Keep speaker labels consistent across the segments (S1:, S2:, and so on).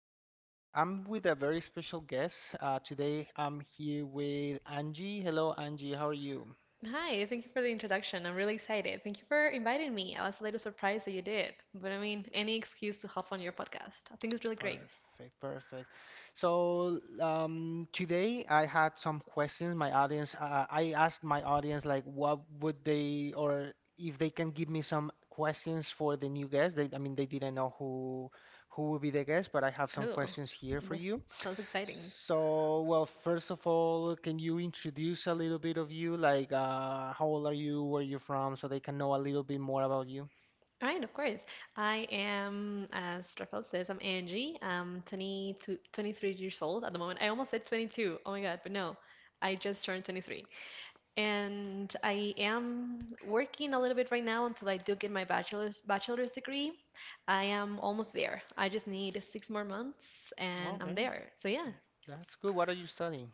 S1: Today, I'm with a very special guest. Today, I'm here with Angie. Hello, Angie. How are you?
S2: Hi, thank you for the introduction. I'm really excited. Thank you for inviting me. I was a little surprised that you did, but I mean, any excuse to hop on your podcast. I think it's really great.
S1: Perfect, perfect. So, today I had some questions. My audience, I asked my audience, like, what would they, or if they can give me some questions for the new guest. They, I mean, they didn't know who will be the guest, but I have some
S2: Oh,
S1: questions here for
S2: that
S1: you.
S2: sounds exciting.
S1: So, well, first of all, can you introduce a little bit of you? Like, how old are you? Where you're from? So they can know a little bit more about you.
S2: All right, of course. I am, as Rafael says, I'm Angie. I'm 23 years old at the moment. I almost said 22. Oh my God, but no, I just turned 23. And I am working a little bit right now until I do get my bachelor's degree. I am almost there. I just need 6 more months and I'm
S1: Okay,
S2: there. So yeah.
S1: that's good. What are you studying?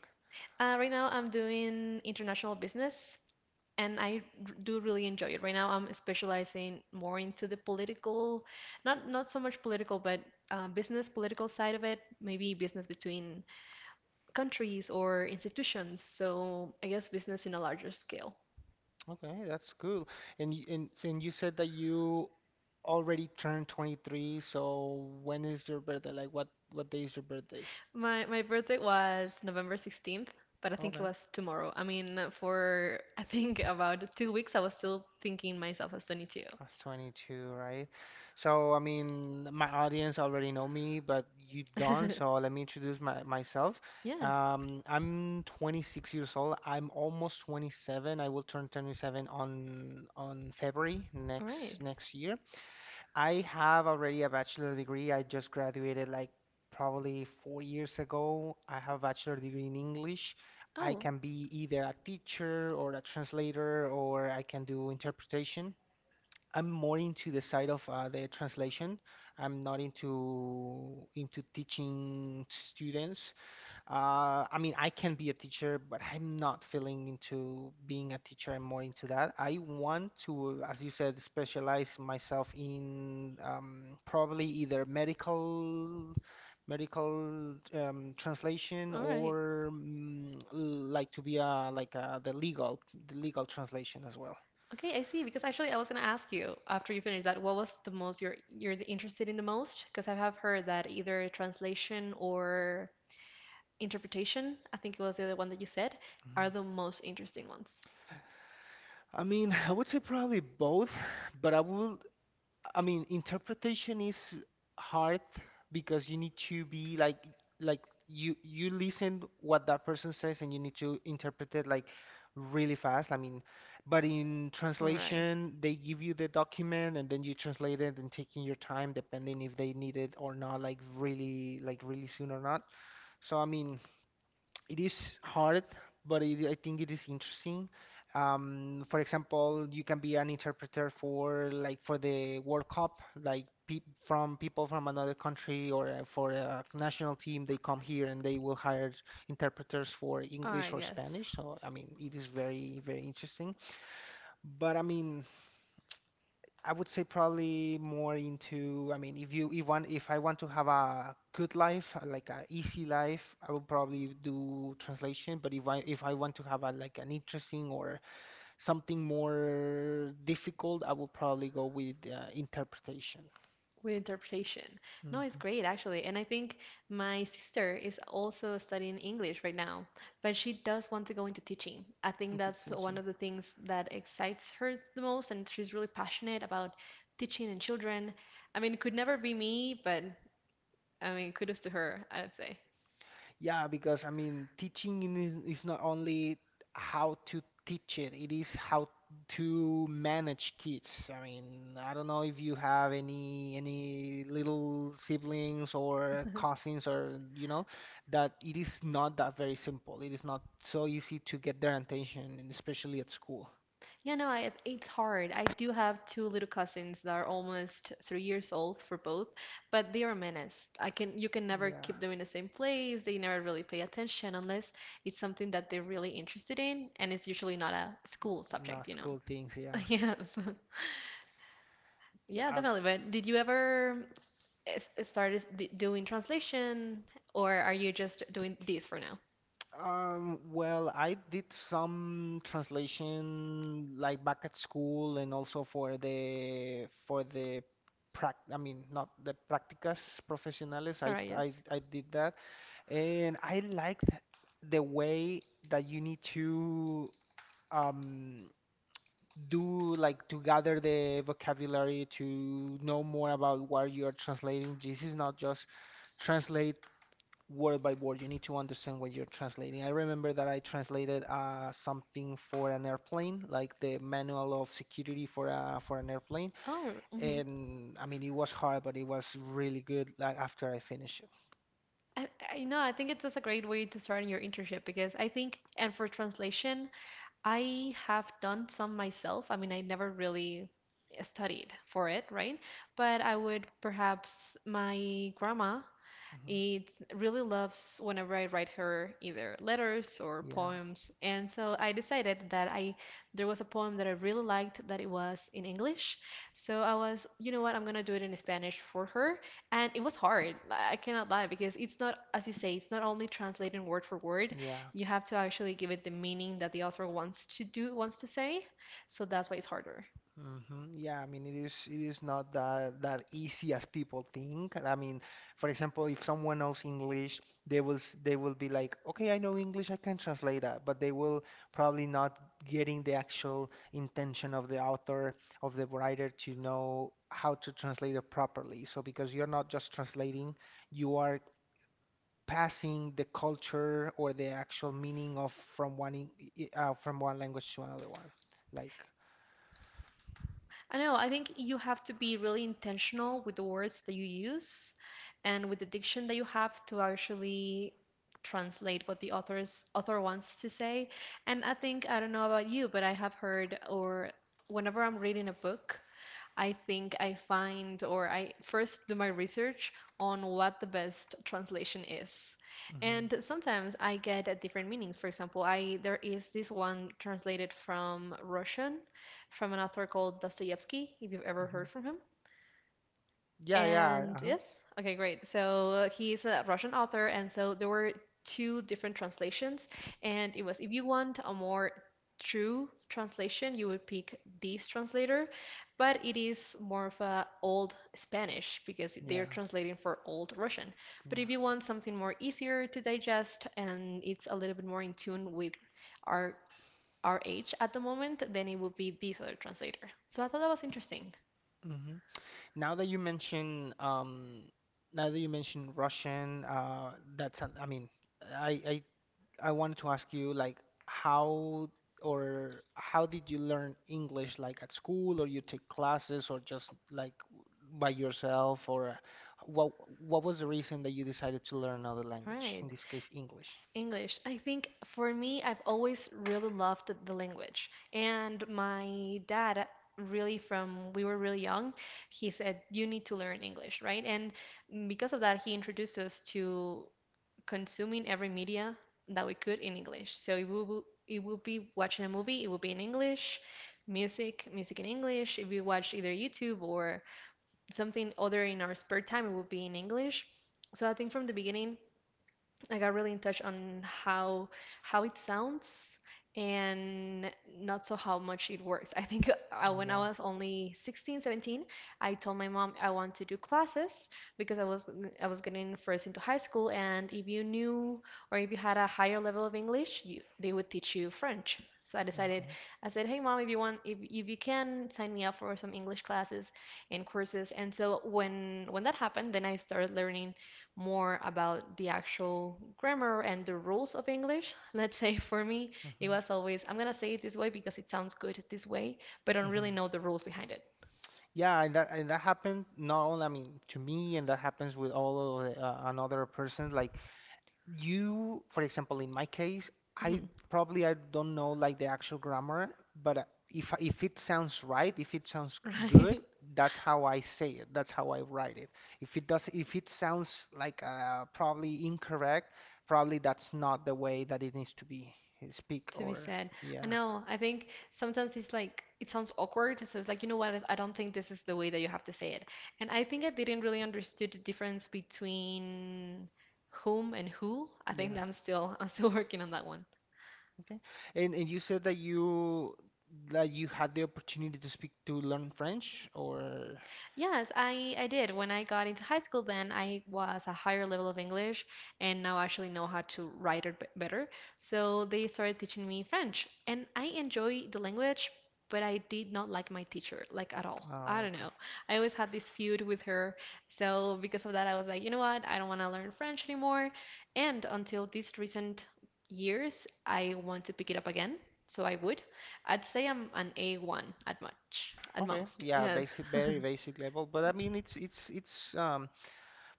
S2: Right now I'm doing international business, and I do really enjoy it. Right now I'm specializing more into the political, not so much political, but business political side of it, maybe business between countries or institutions. So I guess business in a larger scale.
S1: Okay, that's cool. And you said that you already turned 23. So when is your birthday? Like, what day is your birthday?
S2: My birthday was November 16th, but I think it
S1: Okay.
S2: was tomorrow. I mean, for I think about 2 weeks, I was still thinking myself as 22.
S1: That's 22, right? So, I mean, my audience already know me, but you don't. So, let me introduce myself.
S2: Yeah,
S1: I'm 26 years old. I'm almost 27. I will turn 27 on February
S2: all right.
S1: next year. I have already a bachelor degree. I just graduated like probably 4 years ago. I have a bachelor degree in English. I
S2: Oh,
S1: can be either a teacher or a translator, or I can do interpretation. I'm more into the side of the translation. I'm not into teaching students. I mean, I can be a teacher, but I'm not feeling into being a teacher. I'm more into that. I want to, as you said, specialize myself in probably either medical translation,
S2: all right.
S1: or like, to be a like a, the legal translation as well.
S2: Okay, I see. Because actually, I was gonna ask you after you finish that, what was the most you're interested in the most? Because I have heard that either translation or interpretation, I think it was the other one that you said,
S1: Mm-hmm.
S2: are the most interesting ones.
S1: I mean, I would say probably both, but I will, I mean, interpretation is hard because you need to be like, you listen what that person says and you need to interpret it like really fast. I mean, but in
S2: All right.
S1: translation, they give you the document and then you translate it and taking your time depending if they need it or not, like really, like really soon or not. So I mean, it is hard, but it, I think it is interesting. For example, you can be an interpreter for, like, for the World Cup, like pe from people from another country, or for a national team. They come here and they will hire interpreters for
S2: All
S1: English
S2: right,
S1: or
S2: yes.
S1: Spanish. So I mean, it is very, very interesting. But I mean, I would say probably more into, I mean, if you if one if I want to have a good life, like a easy life, I would probably do translation. But if I want to have a, like, an interesting or something more difficult, I would probably go with interpretation.
S2: With interpretation. No, it's
S1: Hmm.
S2: great actually. And I think my sister is also studying English right now, but she does want to go into teaching. I think that's one
S1: Interpretation.
S2: of the things that excites her the most, and she's really passionate about teaching and children. I mean, it could never be me, but I mean, kudos to her, I would say.
S1: Yeah, because I mean, teaching in is not only how to teach it, it is how to manage kids. I mean, I don't know if you have any little siblings or cousins, or, you know, that it is not that very simple. It is not so easy to get their attention, and especially at school.
S2: Yeah, no, it's hard. I do have two little cousins that are almost 3 years old for both, but they are menace. I can You can never
S1: Yeah,
S2: keep them in the same place. They never really pay attention unless it's something that they're really interested in, and it's usually not a school
S1: not
S2: subject.
S1: school things. Yeah,
S2: Yes. Yeah,
S1: yeah.
S2: definitely. But did you ever start doing translation, or are you just doing this for now?
S1: Well, I did some translation like back at school and also for the prac I mean, not the prácticas profesionales. I,
S2: All right,
S1: s- I
S2: yes.
S1: I did that, and I liked the way that you need to um do, like, to gather the vocabulary to know more about what you are translating. This is not just translate word by word. You need to understand what you're translating. I remember that I translated something for an airplane, like the manual of security for an airplane,
S2: Oh, mm-hmm.
S1: and I mean, it was hard, but it was really good. Like, after I finished it.
S2: I know, I think it's just a great way to start in your internship because I think, and for translation, I have done some myself. I mean, I never really studied for it, right? But I would perhaps, my grandma
S1: Hmm.
S2: it really loves whenever I write her either letters or
S1: Yeah,
S2: poems. And so I decided that I there was a poem that I really liked that it was in English. So I was, you know what, I'm gonna do it in Spanish for her. And it was hard. I cannot lie because it's not, as you say, it's not only translating word for word.
S1: yeah.
S2: You have to actually give it the meaning that the author wants to do, wants to say. So that's why it's harder.
S1: Hmm. Yeah, I mean, it is, it is not that easy as people think. I mean, for example, if someone knows English, they will be like, okay, I know English, I can translate that, but they will probably not getting the actual intention of the author, of the writer, to know how to translate it properly. So because you're not just translating, you are passing the culture or the actual meaning of from one in, from one language to another one, like.
S2: I know, I think you have to be really intentional with the words that you use and with the diction that you have to actually translate what the author wants to say. And I think, I don't know about you, but I have heard or whenever I'm reading a book, I think I find or I first do my research on what the best translation is.
S1: Hmm.
S2: And sometimes I get different meanings. For example, I there is this one translated from Russian from an author called Dostoevsky, if you've ever heard from him.
S1: Yeah, yeah,
S2: And
S1: uh-huh.
S2: yes, okay, great. So he's a Russian author, and so there were two different translations, and it was if you want a more true translation, you would pick this translator, but it is more of a old Spanish because they're
S1: Yeah,
S2: translating for old Russian. But
S1: yeah.
S2: if you want something more easier to digest and it's a little bit more in tune with our our age at the moment, then it would be this other translator. So I thought that was interesting.
S1: Hmm. Now that you mention, um, Now that you mention Russian, that's, I mean, I, I wanted to ask you, like, how, or how did you learn English, like at school, or you take classes, or just like by yourself, or what, what was the reason that you decided to learn another language,
S2: Right.
S1: in this case, English?
S2: English. I think for me, I've always really loved the language. And my dad, really, from we were really young, he said, "You need to learn English," right? And because of that, he introduced us to consuming every media that we could in English. So it will be watching a movie, it will be in English, music, music in English. If we watch either YouTube or something other in our spare time, it will be in English. So I think from the beginning, I got really in touch on how it sounds and not so how much it works. I think
S1: Oh,
S2: when I
S1: yeah.
S2: was only 16, 17, I told my mom I want to do classes because I was getting first into high school, and if you knew or if you had a higher level of English, you, they would teach you French. So I decided,
S1: Okay.
S2: I said, "Hey mom, if you can sign me up for some English classes and courses." And so when that happened, then I started learning more about the actual grammar and the rules of English. Let's say for me, it
S1: Mm-hmm.
S2: was always, I'm gonna say it this way because it sounds good this way, but I don't really know the rules behind it.
S1: Yeah, and that, and that happened not only, I mean, to me, and that happens with all of the, another person. Like you, for example, in my case, I probably I don't know like the actual grammar, but if it sounds right, if it sounds good,
S2: Right?
S1: that's how I say it. That's how I write it. If it does, if it sounds like probably incorrect, probably that's not the way that it needs to be speak
S2: To be
S1: or
S2: said. I
S1: yeah,
S2: know, I think sometimes it's like, it sounds awkward. So it's like, you know what? I don't think this is the way that you have to say it. And I think I didn't really understood the difference between whom and who. I think
S1: yeah.
S2: I'm still, I'm still working on that one.
S1: Okay. And you said that you had the opportunity to speak, to learn French or
S2: Yes, I did. When I got into high school, then I was a higher level of English and now actually know how to write it b- better. So they started teaching me French, and I enjoy the language, but I did not like my teacher, like at all. I
S1: Oh,
S2: don't
S1: okay.
S2: know. I always had this feud with her. So because of that, I was like, you know what? I don't want to learn French anymore. And until these recent years, I want to pick it up again. So I would. I'd say I'm an A1 at much, at
S1: Okay.
S2: most.
S1: Yeah,
S2: Yes.
S1: basic, very basic level. But I mean, it's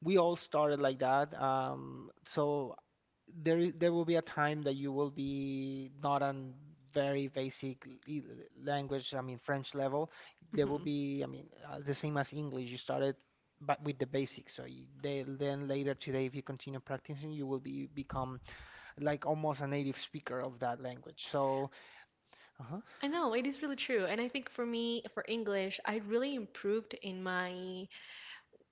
S1: we all started like that. So there will be a time that you will be not on very basic language, I mean French level. There will be, I mean, the same as English. You started but with the basics. So you, they, then later today, if you continue practicing, you will be become like almost a native speaker of that language. So, uh-huh,
S2: I know it is really true, and I think for me, for English, I really improved in my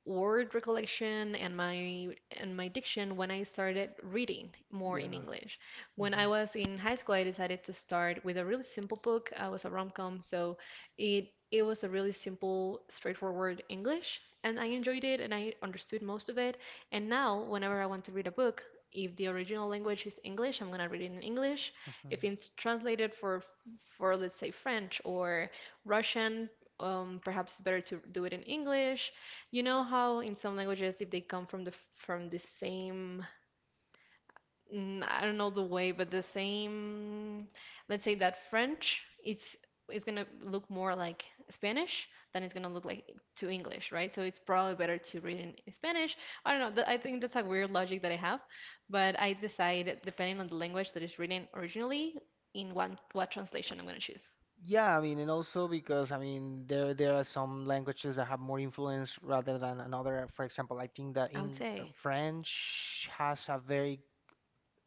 S2: word recollection and my diction when I started reading more in
S1: yeah.
S2: English. When I
S1: Mhm,
S2: was in high school, I decided to start with a really simple book. It was a rom-com, so it was a really simple, straightforward English, and I enjoyed it and I understood most of it. And now, whenever I want to read a book, if the original language is English, I'm gonna read it in English. If
S1: mhm.
S2: it's translated for let's say French or Russian, perhaps it's better to do it in English. You know how in some languages, if they come from the same, mm, I don't know the way, but the same, let's say that French, it's gonna look more like Spanish than it's gonna look like to English, right? So it's probably better to read in Spanish. I don't know. That, I think that's a weird logic that I have, but I decide depending on the language that is written originally, in one what translation I'm gonna choose.
S1: Yeah, I mean, and also because, I mean, there are some languages that have more influence rather than another. For example, I think that
S2: I would
S1: in
S2: say.
S1: French has a very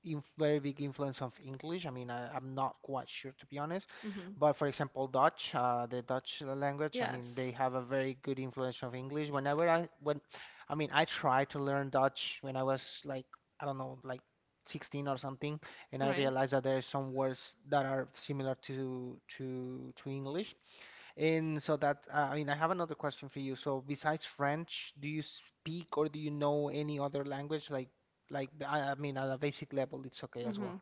S1: inf very big influence of English. I mean, I'm not quite sure, to be honest,
S2: Hmm.
S1: but for example, Dutch, the Dutch language. I mean,
S2: Yes.
S1: they have a very good influence of English. I mean, I tried to learn Dutch when I was like, I don't know, like 16 or something, and
S2: All
S1: I
S2: right.
S1: realized that there are some words that are similar to English. And so that, I mean, I have another question for you. So besides French, do you speak or do you know any other language? Like, I mean, at a basic level, it's okay as
S2: Mm-hmm.
S1: well.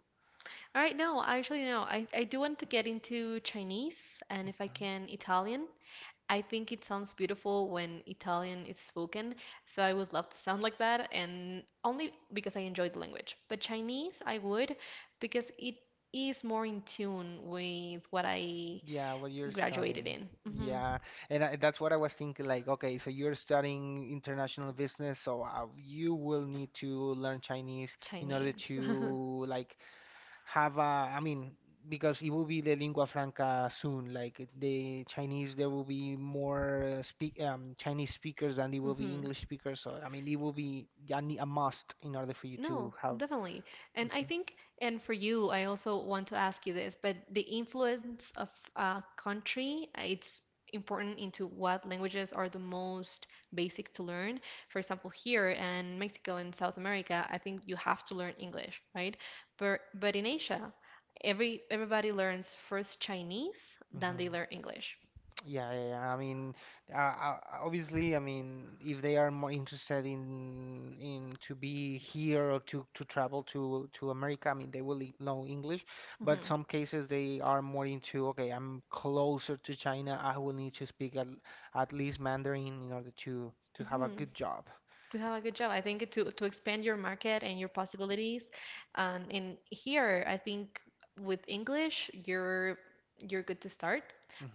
S2: All right, no, actually, no. I do want to get into Chinese and if I
S1: Okay.
S2: can, Italian. I think it sounds beautiful when Italian is spoken, so I would love to sound like that, and only because I enjoy the language. But Chinese, I would because it is more in tune with what I
S1: Yeah, what you're
S2: graduated
S1: studying.
S2: in. Hmm.
S1: Yeah, and I, that's what I was thinking. Like, okay, so you're studying international business, so you will need to learn Chinese in order
S2: Chinese.
S1: to, like, have a, I mean, because it will be the lingua franca soon, the Chinese, there will be more speak Chinese speakers than there will be
S2: Hmm.
S1: English speakers. So I mean, it will be a must in order for you
S2: No,
S1: to have.
S2: definitely. And I
S1: Hmm.
S2: think, and for you, I also want to ask you this, but the influence of a country, it's important into what languages are the most basic to learn. For example, here in Mexico and South America, I think you have to learn English, right? But in Asia, everybody learns first Chinese, then they
S1: Hmm.
S2: learn English.
S1: Yeah, yeah, yeah. I mean, obviously, I mean, if they are more interested in to be here or to travel to America, I mean, know English. But
S2: Hmm.
S1: some cases they are more into, okay, I'm closer to China. I will need to speak at least Mandarin in order to have a
S2: Hmm.
S1: good job.
S2: To have a good job. I think to expand your market and your possibilities. And here, I think with English, you're good to start.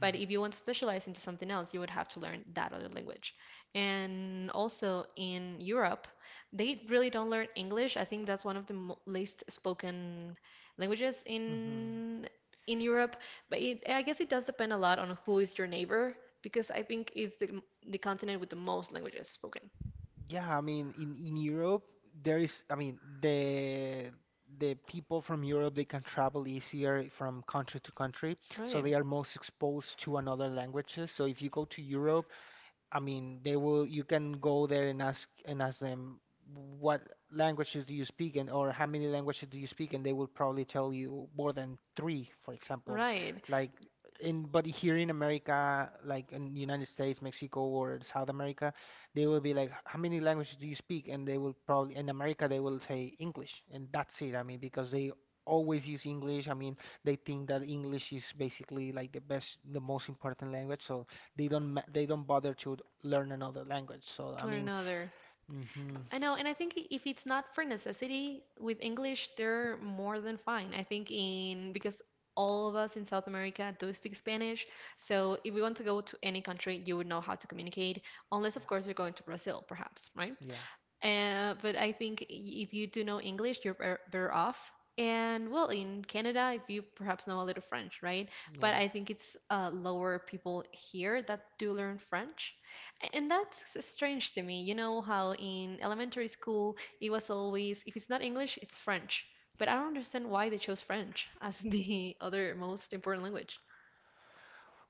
S2: But if you want to specialize into something else, you would have to learn that other language. And also in Europe, they really don't learn English. I think that's one of the mo least spoken languages
S1: Hmm.
S2: in Europe. But it, I guess it does depend a lot on who is your neighbor, because I think it's the continent with the most languages spoken.
S1: Yeah, I mean, in Europe, there is, I mean, the people from Europe, they can travel easier from country to country, so
S2: Right.
S1: they are most exposed to another languages. So if you go to Europe, I mean, they will. You can go there and ask them what languages do you speak, and or how many languages do you speak, and they will probably tell you more than three, for example.
S2: Right,
S1: Like, in but here in America, like in the United States, Mexico, or South America, they will be like, how many languages do you speak? And they will probably, in America they will say English, and that's it. I mean, because they always use English. I mean, they think that English is basically like the best, the most important language. So, they don't bother to learn another language. So
S2: to
S1: I
S2: learn
S1: mean,
S2: another.
S1: hmm,
S2: I know, and I think if it's not for necessity, with English, they're more than fine. I think in because all of us in South America do speak Spanish, so if we want to go to any country, you would know how to communicate, unless
S1: yeah,
S2: of course you're going to Brazil, perhaps, right?
S1: yeah,
S2: But I think if you do know English, you're better off. And well, in Canada, if you perhaps know a little French, right? But
S1: yeah.
S2: I think it's lower people here that do learn French. And that's strange to me. You know how in elementary school, it was always, if it's not English, it's French. But I don't understand why they chose French as the other most important language.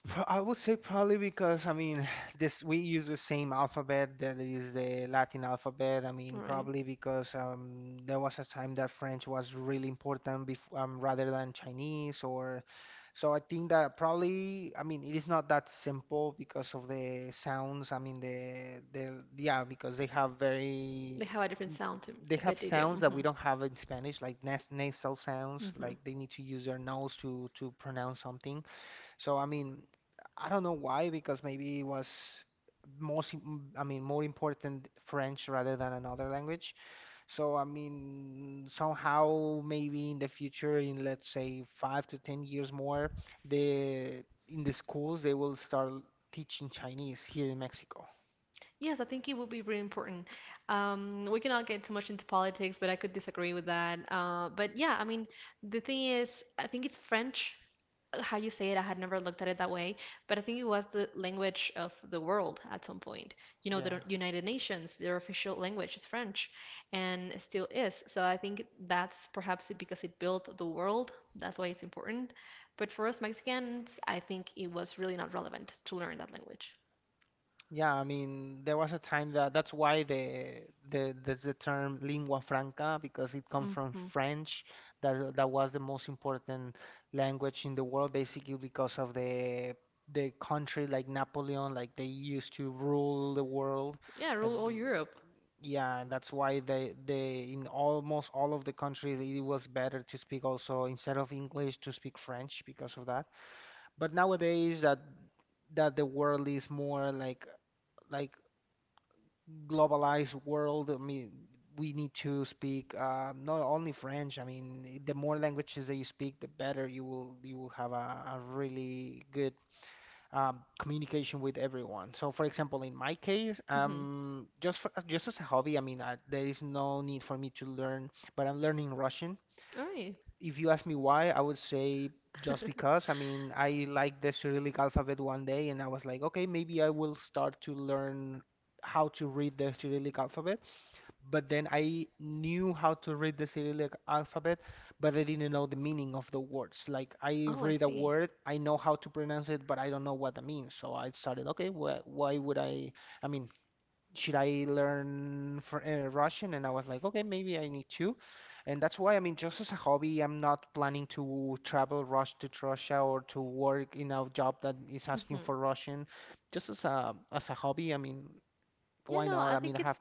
S1: I would say probably because, I mean, this we use the same alphabet that is the Latin alphabet. I
S2: All
S1: mean
S2: right.
S1: probably because there was a time that French was really important before, rather than Chinese or so I think that probably, I mean, it is not that simple because of the sounds. I mean the yeah because they have very
S2: They have a different sound to,
S1: they have
S2: that they do.
S1: sounds that
S2: Hmm
S1: we don't have in Spanish like nasal sounds
S2: hmm
S1: like they need to use their nose to pronounce something. So I mean, I don't know why, because maybe it was most, im- I mean, more important French rather than another language. So I mean, somehow maybe in the future, in let's say 5 to 10 years more, the in the schools they will start teaching Chinese here in Mexico.
S2: Yes, I think it would be really important. We cannot get too much into politics, but I could disagree with that. But yeah, I mean, the thing is, I think it's French, how you say it. I had never looked at it that way, but I think it was the language of the world at some point. You know, the
S1: Yeah.
S2: United Nations, their official language is French, and it still is. So I think that's perhaps it because it built the world. That's why it's important. But for us Mexicans, I think it was really not relevant to learn that language.
S1: Yeah, I mean, there was a time that that's why there's the term lingua franca because it comes from
S2: Hmm
S1: French. That was the most important language in the world, basically because of the country like Napoleon, like they used to rule the world.
S2: Yeah,
S1: And
S2: rule all Europe.
S1: yeah, and that's why they in almost all of the countries it was better to speak also instead of English to speak French because of that. But nowadays that the world is more like globalized world, I mean, we need to speak not only French. I mean, the more languages that you speak, the better you will have a really good communication with everyone. So, for example, in my case,
S2: Mhm.
S1: just for, just as a hobby, I mean, there is no need for me to learn, but I'm learning Russian.
S2: All right.
S1: If you ask me why, I would say just because. I mean, I like the Cyrillic alphabet one day, and I was like, okay, maybe I will start to learn how to read the Cyrillic alphabet, but then I knew how to read the Cyrillic alphabet, but I didn't know the meaning of the words. Like I
S2: Oh, I
S1: read a
S2: see.
S1: word, I know how to pronounce it, but I don't know what that means. So I started, okay, wh why would I? I mean, should I learn for, Russian? And I was like, okay, maybe I need to. And that's why, I mean, just as a hobby, I'm not planning to travel rush to Russia or to work in a job that is asking
S2: Hmm
S1: for Russian. Just as a hobby, I mean,
S2: Yeah,
S1: why
S2: no,
S1: not?
S2: I
S1: I mean,
S2: think
S1: I have.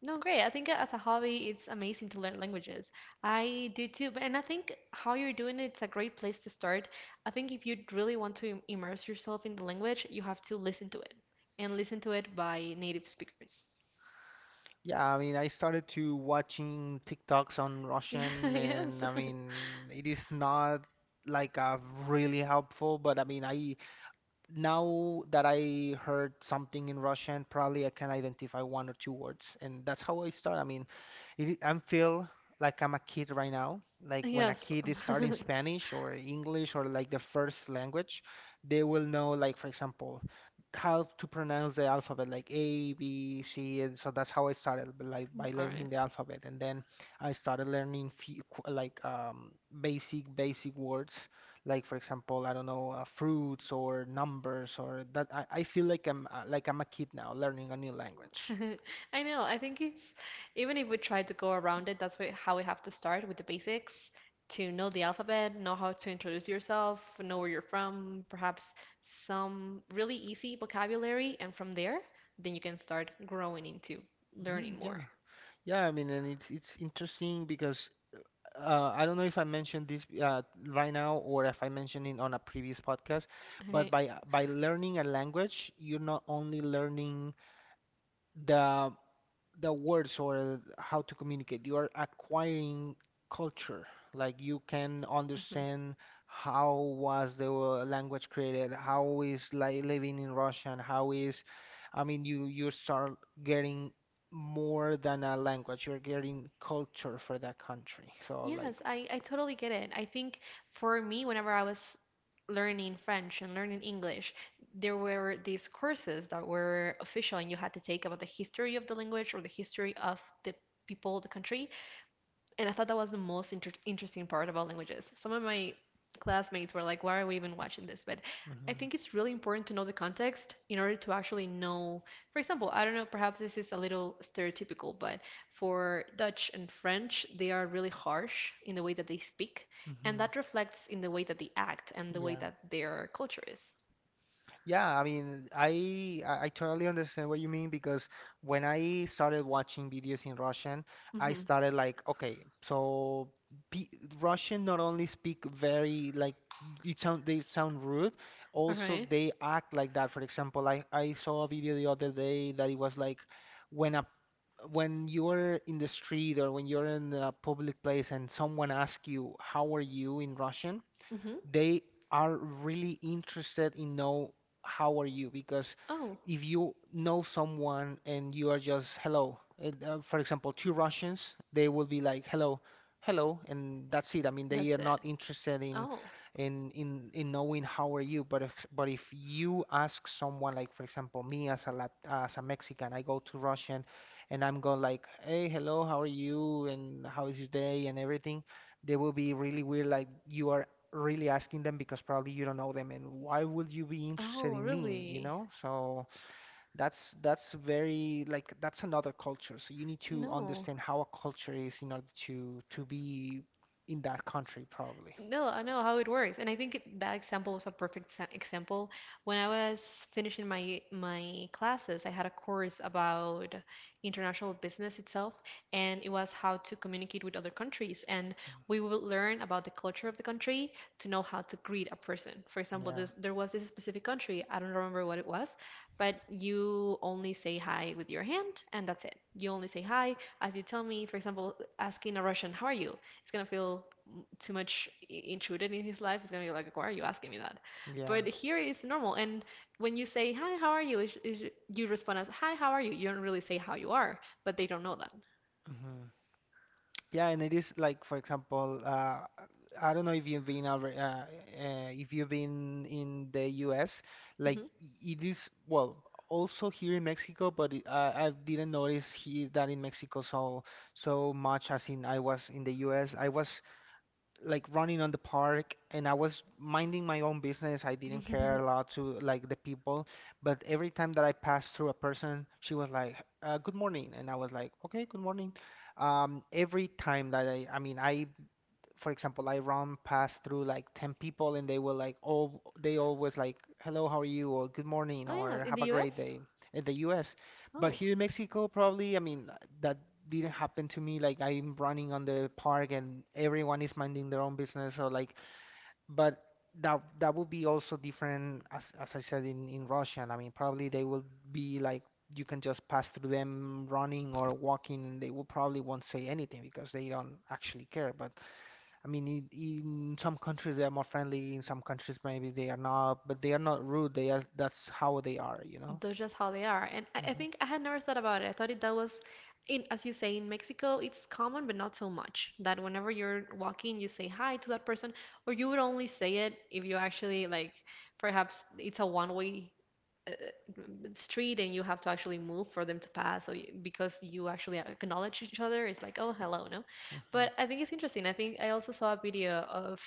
S2: no, great. I think as a hobby, it's amazing to learn languages. I do too, but and I think how you're doing it, it's a great place to start. I think if you really want to immerse yourself in the language, you have to listen to it and listen to it by native speakers.
S1: Yeah, I mean, I started to watching TikToks on
S2: Yeah,
S1: Russian, and
S2: yes,
S1: I mean, it is not like really helpful, but I mean, I now that I heard something in Russian, probably I can identify one or two words, and that's how I start. I mean, I feel like I'm a kid right now. Like when a
S2: yes.
S1: kid is starting Spanish or English or like the first language, they will know, like for example, how to pronounce the alphabet, like A, B, C, and so that's how I started, like
S2: Mm,
S1: by
S2: all
S1: learning
S2: right.
S1: the alphabet, and then I started learning few, qu- like basic basic words like for example, I don't know, fruits or numbers or that. I feel like I'm a kid now learning a new language.
S2: I know. I think it's even if we try to go around it, that's how we have to start with the basics to know the alphabet, know how to introduce yourself, know where you're from, perhaps some really easy vocabulary, and from there, then you can start growing into
S1: Hmm,
S2: learning more.
S1: yeah, yeah. I mean, and it's interesting because I don't know if I mentioned this right now or if I mentioned it on a previous podcast,
S2: All
S1: but
S2: right.
S1: by learning a language, you're not only learning the the words or how to communicate. You are acquiring culture. Like you can
S2: Mm-hmm.
S1: understand how was the language created, how is like living in Russian, how is, I mean, you start getting more than a language. You're getting culture for that country. So like,
S2: Yes, I totally get it. I think for me, whenever I was learning French and learning English, there were these courses that were official and you had to take about the history of the language or the history of the people, the country. And I thought that was the most interesting part about languages. Some of my classmates were like, why are we even watching this? But I
S1: hmm.
S2: think it's really important to know the context in order to actually know. For example, I don't know, perhaps this is a little stereotypical, but for Dutch and French, they are really harsh in the way that they speak. And
S1: Hmm,
S2: that reflects in the way that they act and the way
S1: yeah.
S2: that their culture is.
S1: Yeah, I mean, I totally understand what you mean because when I started watching videos in Russian, I
S2: Mm-hmm.
S1: started like, okay, so pe Russian not only speak very like it sound they sound rude,
S2: All
S1: also
S2: right.
S1: they act like that. For example, I saw a video the other day that it was like when a when you're in the street or when you're in a public place and someone asks you how are you in Russian,
S2: Mm-hmm.
S1: they are really interested in know how are you because
S2: Oh,
S1: if you know someone and you are just hello, and, for example, two Russians, they will be like hello, hello, and that's it. I mean, they
S2: that's
S1: are
S2: it.
S1: not interested in
S2: Oh,
S1: knowing how are you. But if you ask someone like for example me as a Mexican, I go to Russian and I'm going like hey, hello, how are you, and how is your day and everything, they will be really weird like you are really asking them because probably you don't know them and why would you be interested
S2: oh,
S1: in me, you
S2: really?
S1: know? So that's very like that's another culture. So you need to
S2: No.
S1: understand how a culture is in order to be in that country probably.
S2: No, I know how it works, and I think that example was a perfect example. When I was finishing my classes, I had a course about international business itself, and it was how to communicate with other countries. And we would learn about the culture of the country to know how to greet a person. For
S1: Mm-hmm.
S2: example,
S1: Yeah.
S2: there was this specific country, I don't remember what it was, but you only say hi with your hand, and that's it. You only say hi as you tell me, for example, asking a Russian, "How are you?" It's gonna feel too much intruded in his life, he's gonna be like, "Why are you asking me that?" But
S1: Yeah.
S2: here it's normal. And when you say, "Hi, how are you?" you respond as, "Hi, how are you?" You don't really say how you are, but they don't know that.
S1: Hmm. Yeah, and it is like, for example, I don't know if you've been over, if you've been in the U.S. Like
S2: Hmm.
S1: it is, well, also here in Mexico, but I didn't notice here that in Mexico so so much as in I was in the U.S. I was like running on the park and I was minding my own business. I didn't care a lot to like the people, but every time that I passed through a person, she was like, "Good morning," and I was like, "Okay, good morning." Every time that I mean, I for example, I run past through like 10 people and they will like all they always like hello, how are you or good morning
S2: Oh yeah,
S1: or
S2: in the
S1: have a great
S2: U.S.
S1: day in the US. But
S2: Oh,
S1: here in Mexico, probably, I mean, that didn't happen to me. Like I'm running on the park and everyone is minding their own business or like, but that that would be also different as I said in Russian. I mean, probably they will be like you can just pass through them running or walking and they will probably won't say anything because they don't actually care. But I mean, in some countries they are more friendly, in some countries maybe they are not, but they are not rude. They are, that's how they are, you know?
S2: that's just how they are. And I
S1: Hmm.
S2: think I had never thought about it. I thought it that was in, as you say, in Mexico, it's common, but not so much. That whenever you're walking, you say hi to that person, or you would only say it if you actually like, perhaps it's a one-way uh, street and you have to actually move for them to pass. So you, because you actually acknowledge each other, it's like, oh, hello, no?
S1: Hmm.
S2: But I think it's interesting. I think I also saw a video of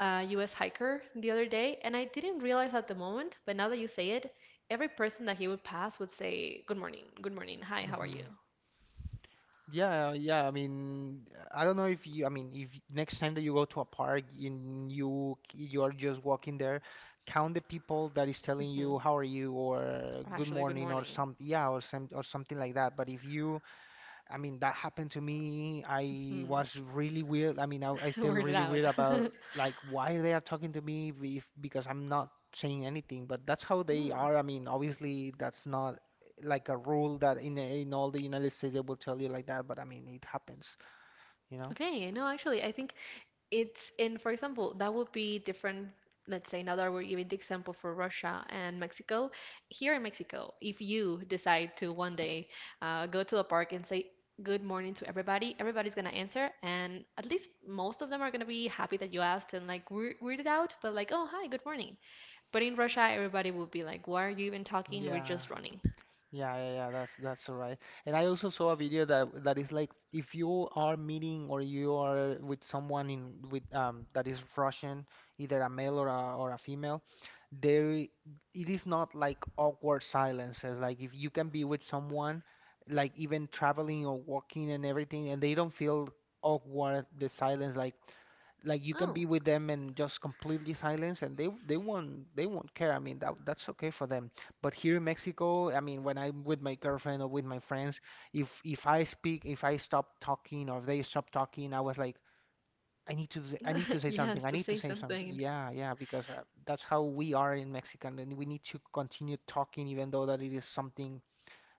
S2: a U.S. hiker the other day, and I didn't realize at the moment, but now that you say it, every person that he would pass would say, good morning, hi, how are you?
S1: Hmm. Yeah, yeah. I mean, I don't know if you, I mean, if next time that you go to a park and you are just walking there, count the people that is telling
S2: Hmm.
S1: you how are you or
S2: Or
S1: good
S2: actually, good
S1: morning or
S2: morning.
S1: some, yeah, or some or something like that. But if you, I mean, that happened to me. I
S2: Hmm.
S1: was really weird. I mean, I feel
S2: Word it
S1: really
S2: out.
S1: weird about like why they are talking to me if because I'm not saying anything, but that's how they
S2: Mm.
S1: are. I mean, obviously that's not like a rule that in all the United States they will tell you like that, but I mean, it happens, you know?
S2: Okay, no, actually, I think it's in, for example, that would be different. Let's say now that we're giving the example for Russia and Mexico. Here in Mexico, if you decide to one day go to a park and say good morning to everybody, everybody's gonna answer, and at least most of them are gonna be happy that you asked and like weirded out, but like, oh, hi, good morning. But in Russia, everybody will be like, why are you even talking? We're
S1: Yeah.
S2: just running.
S1: Yeah, that's right. And I also saw a video that that is like if you are meeting or you are with someone in with that is Russian, either a male or a female, there it is not like awkward silences. Like if you can be with someone, like even traveling or walking and everything, and they don't feel awkward, the silence, like you can
S2: Oh,
S1: be with them and just completely silence and they won't they won't care. I mean that that's okay for them, but here in Mexico, I mean when I'm with my girlfriend or with my friends, if I speak, if I stop talking or they stop talking, I was like, I need to, I need to say
S2: you
S1: something,
S2: have
S1: I
S2: to
S1: need to
S2: say
S1: say something.
S2: something.
S1: Yeah, yeah, because that's how we are in Mexican and we need to continue talking even though that it is something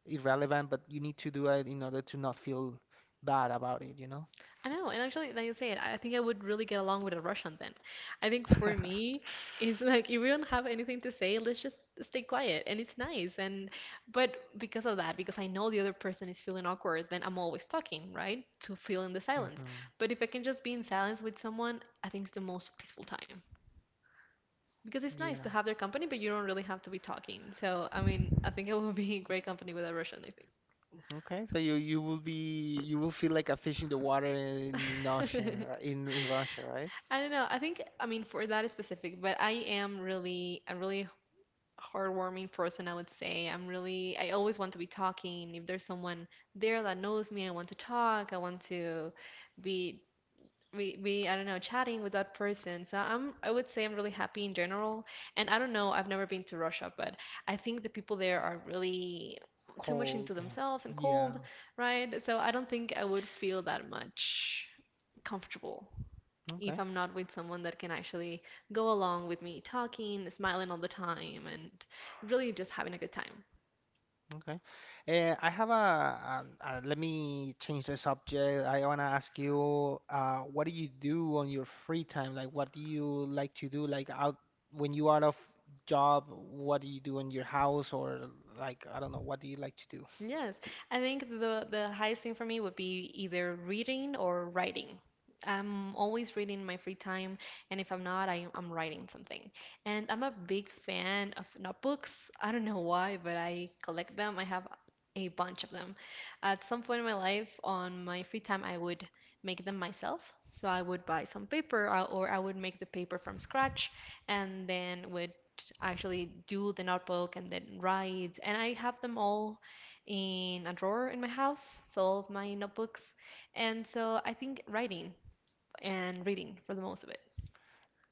S1: irrelevant, but you need to do it in order to not feel bad about it, you know?
S2: I know, and actually, like you said, I think I would really get along with a Russian then. I think for me, it's like if we don't have anything to say, let's just stay quiet, and it's nice. And but because of that, because I know the other person is feeling awkward, then I'm always talking, right? To fill in the silence.
S1: hmm,
S2: But if I can just be in silence with someone, I think it's the most peaceful time because it's nice to
S1: yeah.
S2: have their company, but you don't really have to be talking. So, I mean, I think I would be great company with a Russian, I
S1: Okay, so you will be, you will feel like a fish in the water in ocean,
S2: think.
S1: in Russia, right?
S2: I don't know. I think, I mean, for that specific, but I am really a really heartwarming person, I would say. I'm really, I always want to be talking. If there's someone there that knows me, I want to talk. I want to be, be, I don't know, chatting with that person. So I'm, I would say I'm really happy in general. And I don't know, I've never been to Russia, but I think the people there are really too much into
S1: Cold.
S2: themselves and
S1: Yeah.
S2: cold, right? So I don't think I would feel that much comfortable if
S1: Okay.
S2: I'm not with someone that can actually go along with me talking, smiling all the time, and really just having a good time.
S1: Okay. I have a let me change the subject. I want to ask you, what do you do on your free time? Like, what do you like to do? Like out when you out of job, what do you do in your house or like I don't know, what do you like to do?
S2: Yes, I think the highest thing for me would be either reading or writing. I'm always reading in my free time, and if I'm not, I'm writing something. And I'm a big fan of notebooks. I don't know why, but I collect them. I have a bunch of them. At some point in my life, on my free time, I would make them myself. So I would buy some paper, or I would make the paper from scratch, and then would actually do the notebook and then write. And I have them all in a drawer in my house, so all of my notebooks. And so I think writing and reading for the most of it.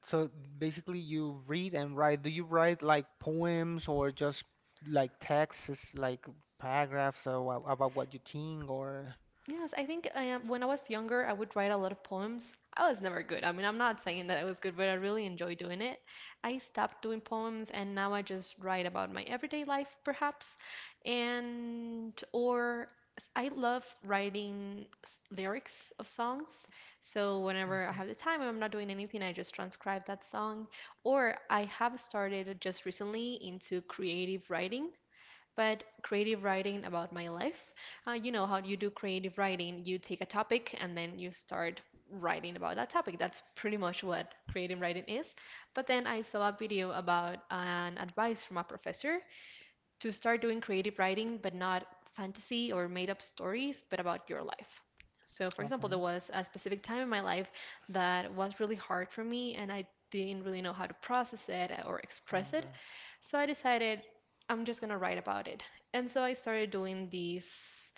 S1: So basically, you read and write. Do you write like poems or just like texts, like paragraphs about what you think or?
S2: Yes, I think I am, when I was younger, I would write a lot of poems. I was never good. I mean, I'm not saying that I was good, but I really enjoy doing it. I stopped doing poems and now I just write about my everyday life, perhaps. And, or I love writing lyrics of songs. So whenever I
S1: Okay,
S2: have the time and I'm not doing anything, I just transcribe that song. Or I have started just recently into creative writing but creative writing about my life. You know how you do creative writing, you take a topic and then you start writing about that topic. That's pretty much what creative writing is. But then I saw a video about an advice from a professor to start doing creative writing, but not fantasy or made up stories, but about your life. So, for example, there
S1: okay,
S2: was a specific time in my life that was really hard for me, and I didn't really know how to process it or express it.
S1: okay.
S2: So, I decided I'm just going to write about it. And so, I started doing these,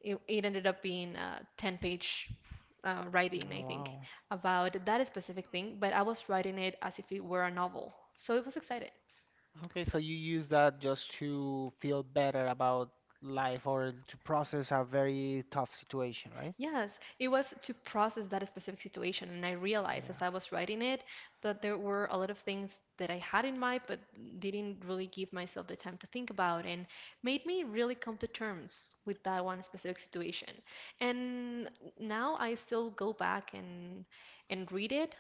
S2: it ended up being a 10 page writing,
S1: Oh,
S2: I think,
S1: wow.
S2: about that specific thing, but I was writing it as if it were a novel. So, it was exciting.
S1: Okay, so you use that just to feel better about life or to process a very tough situation, right?
S2: Yes, it was to process that specific situation. And I realized as
S1: Yeah,
S2: I was writing it that there were a lot of things that I had in mind, but didn't really give myself the time to think about, and made me really come to terms with that one specific situation. And now I still go back and read it.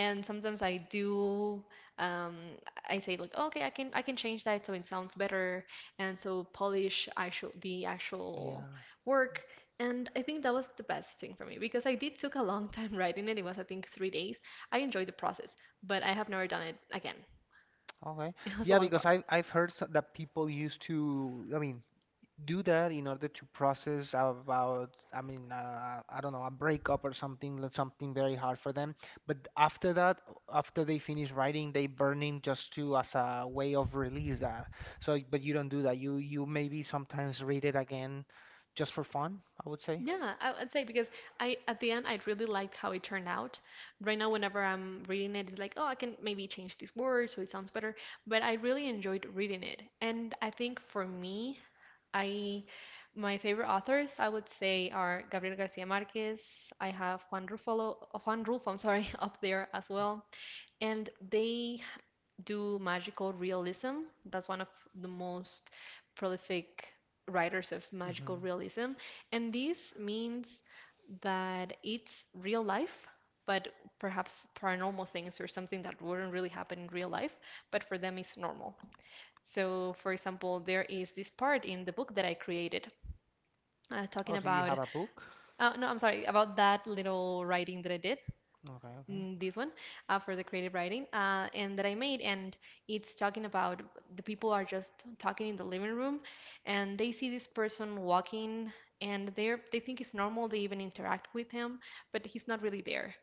S2: And sometimes I do, um, I say like, okay, I can change that so it sounds better, and so polish actual the actual
S1: yeah.
S2: work. And I think that was the best thing for me because I did took a long time writing it. It was, I think, 3 days. I enjoyed the process, but I have never done it again.
S1: Okay.
S2: It was a
S1: Yeah,
S2: long
S1: because I
S2: process.
S1: I've heard that people used to, do that in order to process about I don't know, a breakup or something, like something very hard for them, but after that, after they finish writing, they burning just to as a way of release that. So but you don't do that, you maybe sometimes read it again, just for fun, I would say.
S2: Yeah, I would say because I at the end I really liked how it turned out. Right now, whenever I'm reading it, it's like, oh, I can maybe change this word so it sounds better. But I really enjoyed reading it, and I think for me, I my favorite authors I would say are Gabriel Garcia Marquez. I have Juan Rulfo, Juan Rulfo, I'm sorry, up there as well. And they do magical realism. That's one of the most prolific writers of magical
S1: hmm
S2: realism. And this means that it's real life, but perhaps paranormal things or something that wouldn't really happen in real life, but for them is normal. So, for example, there is this part in the book that I created
S1: oh,
S2: talking
S1: so you
S2: about,
S1: have a book.
S2: no, I'm sorry, about that little writing that I did
S1: Okay, okay.
S2: this one for the creative writing and that I made, and it's talking about the people are just talking in the living room, and they see this person walking, and they think it's normal. They even interact with him, but he's not really there,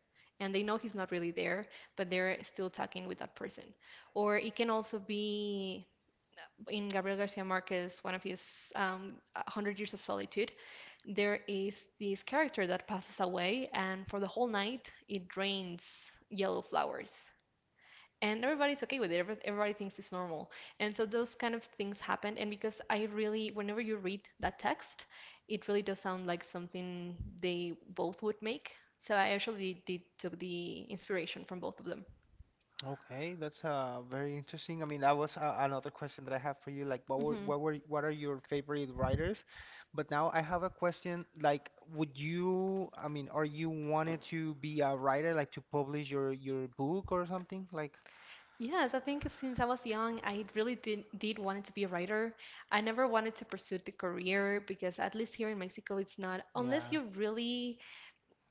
S2: and they know he's not really there, but they're still talking with that person. Or it can also be in Gabriel Garcia Marquez, one of his 100 Years of Solitude, there is this character that passes away, and for the whole night, it rains yellow flowers. And everybody's okay with it. Everybody thinks it's normal. And so those kind of things happen. And because I really, whenever you read that text, it really does sound like something they both would make. So I actually did took the inspiration from both of them.
S1: Okay, that's very interesting. I mean, that was another question that I have for you. Like,
S2: Mm-hmm.
S1: what are your favorite writers? But now I have a question. Like, would you? I mean, are you wanted to be a writer, like to publish your book or something? Like,
S2: Yes, I think since I was young, I really did wanted to be a writer. I never wanted to pursue the career because at least here in Mexico, it's not, unless
S1: yeah.
S2: you really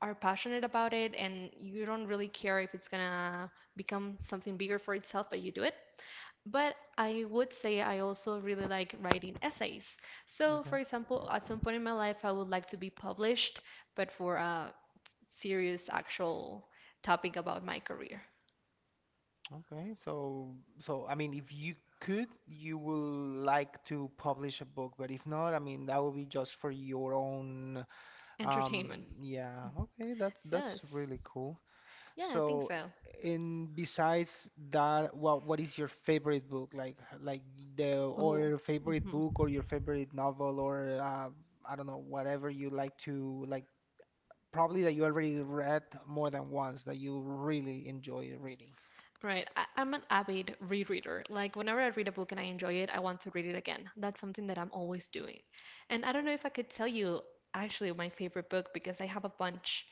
S2: are passionate about it and you don't really care if it's gonna become something bigger for itself, but you do it. But I would say I also really like writing essays. So, for
S1: Okay.
S2: example, at some point in my life, I would like to be published, but for a serious, actual topic about my career,
S1: Okay. So I mean, if you could, you will like to publish a book. But if not, I mean, that would be just for your own.
S2: entertainment.
S1: Yeah. Okay. That's
S2: Yes.
S1: really cool.
S2: Yeah, I think
S1: So,
S2: so.
S1: in besides that, what is your favorite book? Like the
S2: Oh,
S1: or favorite
S2: hmm.
S1: book or your favorite novel or I don't know, whatever you like to like probably that you already read more than once that you really enjoy reading.
S2: Right. I'm an avid rereader. Like, whenever I read a book and I enjoy it, I want to read it again. That's something that I'm always doing. And I don't know if I could tell you actually my favorite book because I have a bunch.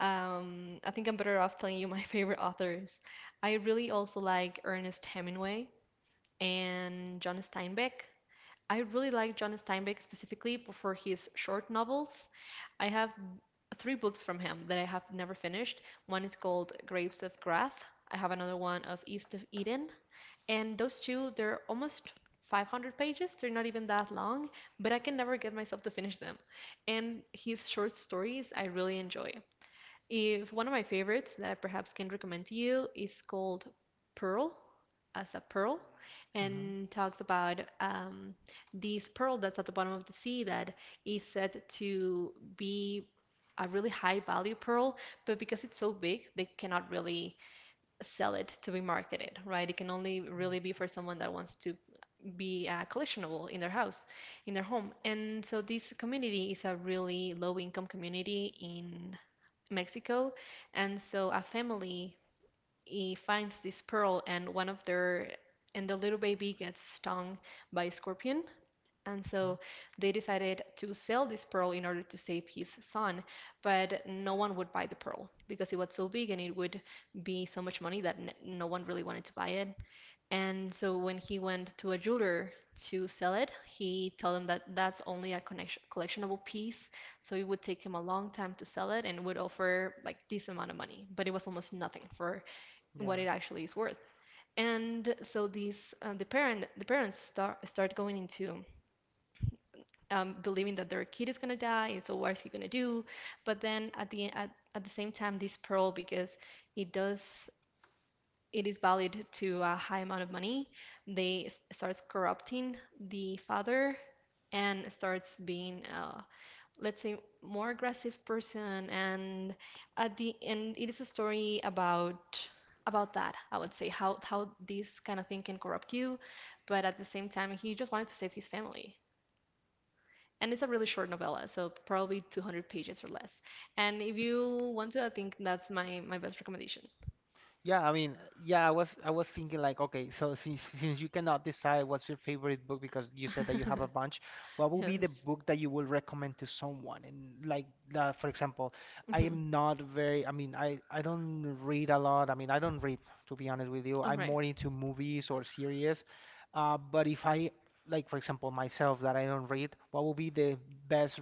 S2: I think I'm better off telling you my favorite authors. I really also like Ernest Hemingway and John Steinbeck. I really like John Steinbeck specifically for his short novels. I have three books from him that I have never finished. One is called Grapes of Wrath. I have another one of East of Eden. And those two, they're almost 500 pages. They're not even that long, but I can never get myself to finish them. And his short stories, I really enjoy. If one of my favorites that I perhaps can recommend to you is called Pearl, as a pearl,
S1: Mm-hmm.
S2: and talks about this pearl that's at the bottom of the sea that is said to be a really high value pearl, but because it's so big, they cannot really sell it to be marketed, right? It can only really be for someone that wants to be collectionable in their house, in their home. And so this community is a really low income community in Mexico. And so a family he finds this pearl, and one of their and the little baby gets stung by a scorpion. And
S1: Okay.
S2: so they decided to sell this pearl in order to save his son, but no one would buy the pearl because it was so big and it would be so much money that no one really wanted to buy it. And so when he went to a jeweler to sell it, he told him that that's only a connection, collectionable piece, so it would take him a long time to sell it and would offer like this amount of money, but it was almost nothing for what it
S1: Yeah.
S2: actually is worth. And so these the parents start going into believing that their kid is gonna die, and so what's he gonna do? But then at the same time, this pearl because it does it is valued to a high amount of money, they starts corrupting the father and starts being let's say more aggressive person. And at the end it is a story about that, I would say, how this kind of thing can corrupt you, but at the same time he just wanted to save his family. And it's a really short novella, so probably 200 pages or less. And if you want to, I think that's my best recommendation.
S1: Yeah, I mean, yeah, I was thinking like, okay, so since you cannot decide what's your favorite book because you said that you have a bunch, what would be the
S2: Yes.
S1: book that you would recommend to someone? And like that, for example, I am not very, I mean, I don't read a lot. I mean, I don't read, to be honest with you.
S2: All
S1: I'm
S2: right.
S1: more into movies or series. But if I like for example myself that I don't read, what would be the best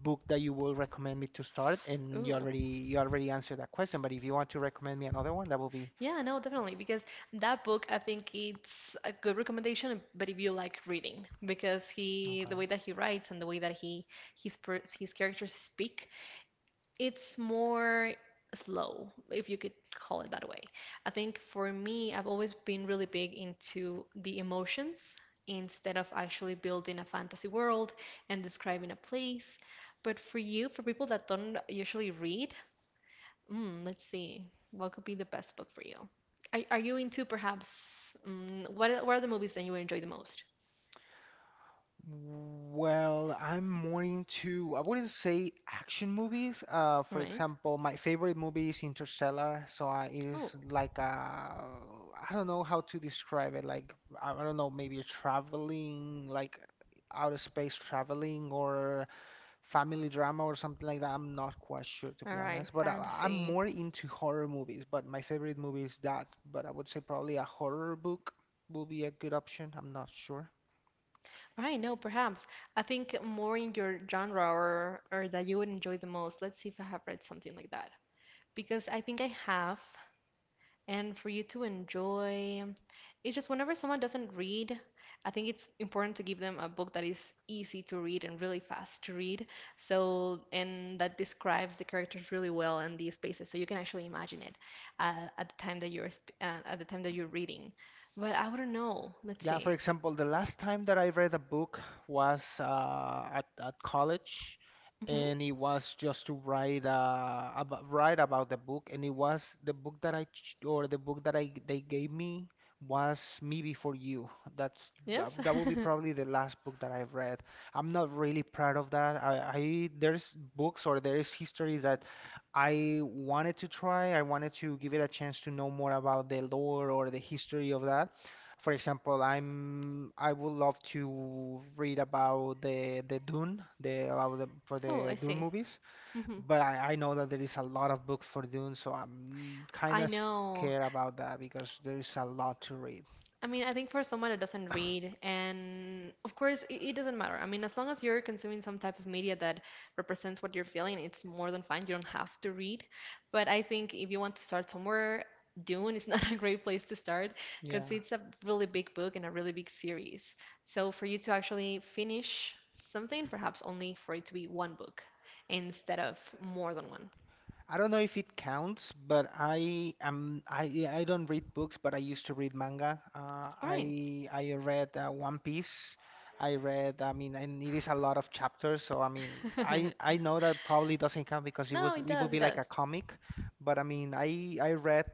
S1: book that you will recommend me to start? And
S2: Ooh.
S1: you already answered that question, but if you want to recommend me another one, that will be
S2: Yeah, no, definitely. Because that book, I think it's a good recommendation, but if you like reading, because he, the way
S1: okay.
S2: that he writes and the way that he, his, his characters speak, it's more slow, if you could call it that way. I think for me, I've always been really big into the emotions instead of actually building a fantasy world and describing a place. But for you, for people that don't usually read, mm, let's see. What could be the best book for you? Are you into perhaps what are the movies that you would enjoy the most?
S1: Well, I'm more into, I wouldn't say action movies.
S2: All
S1: For
S2: right.
S1: example, my favorite movie is Interstellar. So I, it
S2: Oh,
S1: is like I don't know how to describe it. Like, I don't know, maybe traveling, like outer space traveling, or family drama or something like that. I'm not quite sure, to
S2: all
S1: be
S2: right.
S1: honest, but I, I'm
S2: Fantasy.
S1: more into horror movies. But my favorite movie is that. But I would say probably a horror book will be a good option. I'm not sure.
S2: All right. No, perhaps. I think more in your genre or that you would enjoy the most. Let's see if I have read something like that. Because I think I have. And for you to enjoy. It's just whenever someone doesn't read, I think it's important to give them a book that is easy to read and really fast to read. So, and that describes the characters really well and the spaces, so you can actually imagine it at the time that you're reading. But I wouldn't know. Let's
S1: Yeah, for
S2: see.
S1: example, the last time that I read a book was at college,
S2: Hmm.
S1: and it was just to write write about the book, and it was the book that or the book that I they gave me was Me Before You. That's
S2: Yes.
S1: that will be probably the last book that I've read. I'm not really proud of that. I there's books or there is histories that I wanted to try. I wanted to give it a chance to know more about the lore or the history of that, for example, I'm I would love to read about the Dune, the about the for
S2: Oh, I
S1: the Dune
S2: see.
S1: movies,
S2: Hmm.
S1: but I know that there is a lot of books for Dune, so I'm kind
S2: I
S1: of
S2: know.
S1: scared about that because there is a lot to read.
S2: I mean, I think for someone that doesn't read, and of course, it doesn't matter. I mean, as long as you're consuming some type of media that represents what you're feeling, it's more than fine. You don't have to read. But I think if you want to start somewhere, Dune is not a great place to start because
S1: Yeah.
S2: it's a really big book and a really big series. So for you to actually finish something, perhaps only for it to be one book instead of more than one.
S1: I don't know if it counts, but I am I yeah, I don't read books, but I used to read manga.
S2: All right.
S1: I read One Piece. I read, I mean, and it is a lot of chapters, so I mean, I I know that probably doesn't count because
S2: No, it
S1: it would
S2: does, it
S1: be like a
S2: does.
S1: comic, but I mean, I read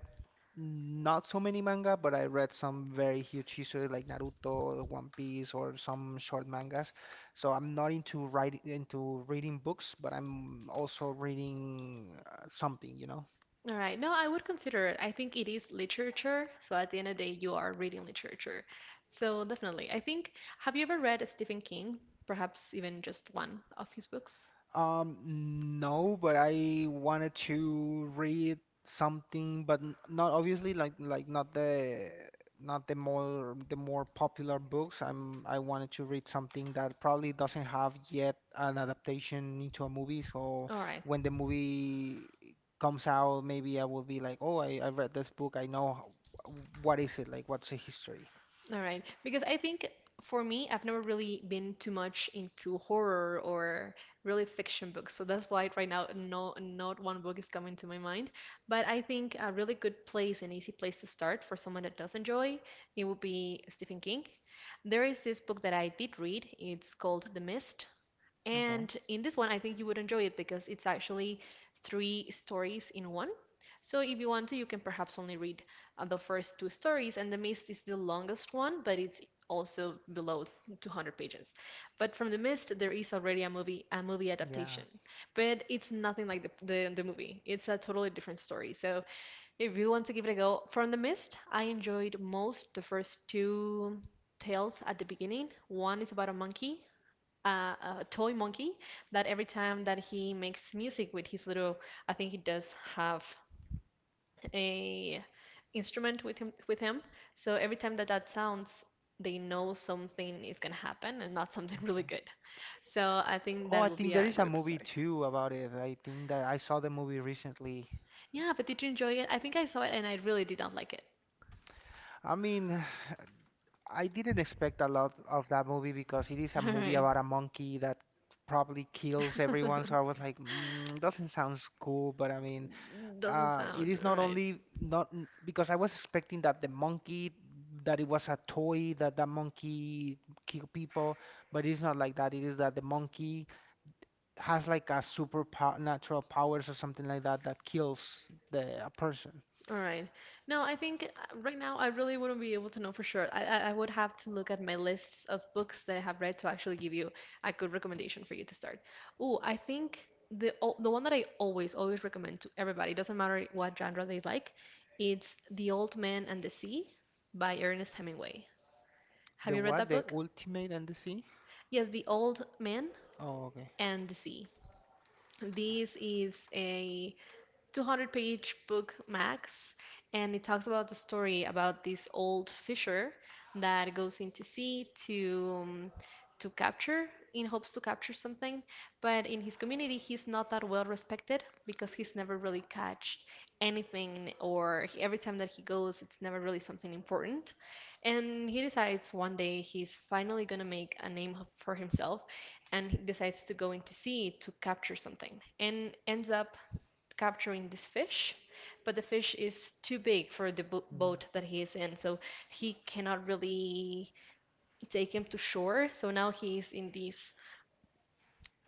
S1: not so many manga, but I read some very huge history, like Naruto, One Piece, or some short mangas. So I'm not into writing into reading books, but I'm also reading something, you know.
S2: All right. No, I would consider it. I think it is literature. So at the end of the day, you are reading literature. So definitely. I think, have you ever read Stephen King? Perhaps even just one of his books?
S1: Um, no, but I wanted to read something, but not obviously like not the not the more popular books. I'm I wanted to read something that probably doesn't have yet an adaptation into a movie. So
S2: All right.
S1: when the movie comes out, maybe I will be like, oh, I read this book. I know h- what is it like. What's the history?
S2: All right. Because I think for me, I've never really been too much into horror or really fiction books. So that's why right now, no, not one book is coming to my mind. But I think a really good place, an easy place to start for someone that does enjoy, it would be Stephen King. There is this book that I did read. It's called The Mist.
S1: Okay.
S2: And in this one, I think you would enjoy it because it's actually three stories in one. So if you want to, you can perhaps only read the first two stories, and The Mist is the longest one, but it's also below 200 pages. But from The Mist, there is already a movie
S1: Yeah.
S2: adaptation, but it's nothing like the movie. It's a totally different story. So if you want to give it a go, from The Mist, I enjoyed most the first two tales at the beginning. One is about a monkey a, a toy monkey that every time that he makes music with his little, I think he does have a instrument with him. So every time that that sounds, they know something is gonna happen and not something really
S1: Okay.
S2: good. So I think
S1: Oh,
S2: that
S1: I
S2: would
S1: think
S2: be
S1: there
S2: a
S1: is a
S2: great
S1: movie
S2: episode.
S1: too about it. I think that I saw the movie recently.
S2: Yeah, but did you enjoy it? I think I saw it and I really did not like it.
S1: I mean, I didn't expect a lot of that movie because it is a
S2: All
S1: movie
S2: right.
S1: about a monkey that probably kills everyone. So I was like, mm, doesn't sound cool. But I mean,
S2: Doesn't
S1: it
S2: sound
S1: is not
S2: right.
S1: only not n- because I was expecting that the monkey that it was a toy that that monkey kill people, but it's not like that. It is that the monkey has like a super po natural powers or something like that that kills the a person.
S2: All right. No, I think right now I really wouldn't be able to know for sure. I would have to look at my lists of books that I have read to actually give you a good recommendation for you to start. Oh, I think the one that I always always recommend to everybody, doesn't matter what genre they like, it's The Old Man and the Sea by Ernest Hemingway. Have
S1: The
S2: you read
S1: what?
S2: that
S1: The
S2: book?
S1: ultimate and the sea?
S2: Yes, The Old Man
S1: Oh, okay.
S2: and the Sea. This is a 200-page book max, and it talks about the story about this old fisher that goes into sea to capture, in hopes to capture something, but in his community he's not that well respected because he's never really catched anything, or every time that he goes it's never really something important. And he decides one day he's finally going to make a name for himself, and he decides to go into sea to capture something and ends up capturing this fish, but the fish is too big for the bo
S1: Yeah.
S2: boat that he is in, so he cannot really take him to shore. So now he's in this,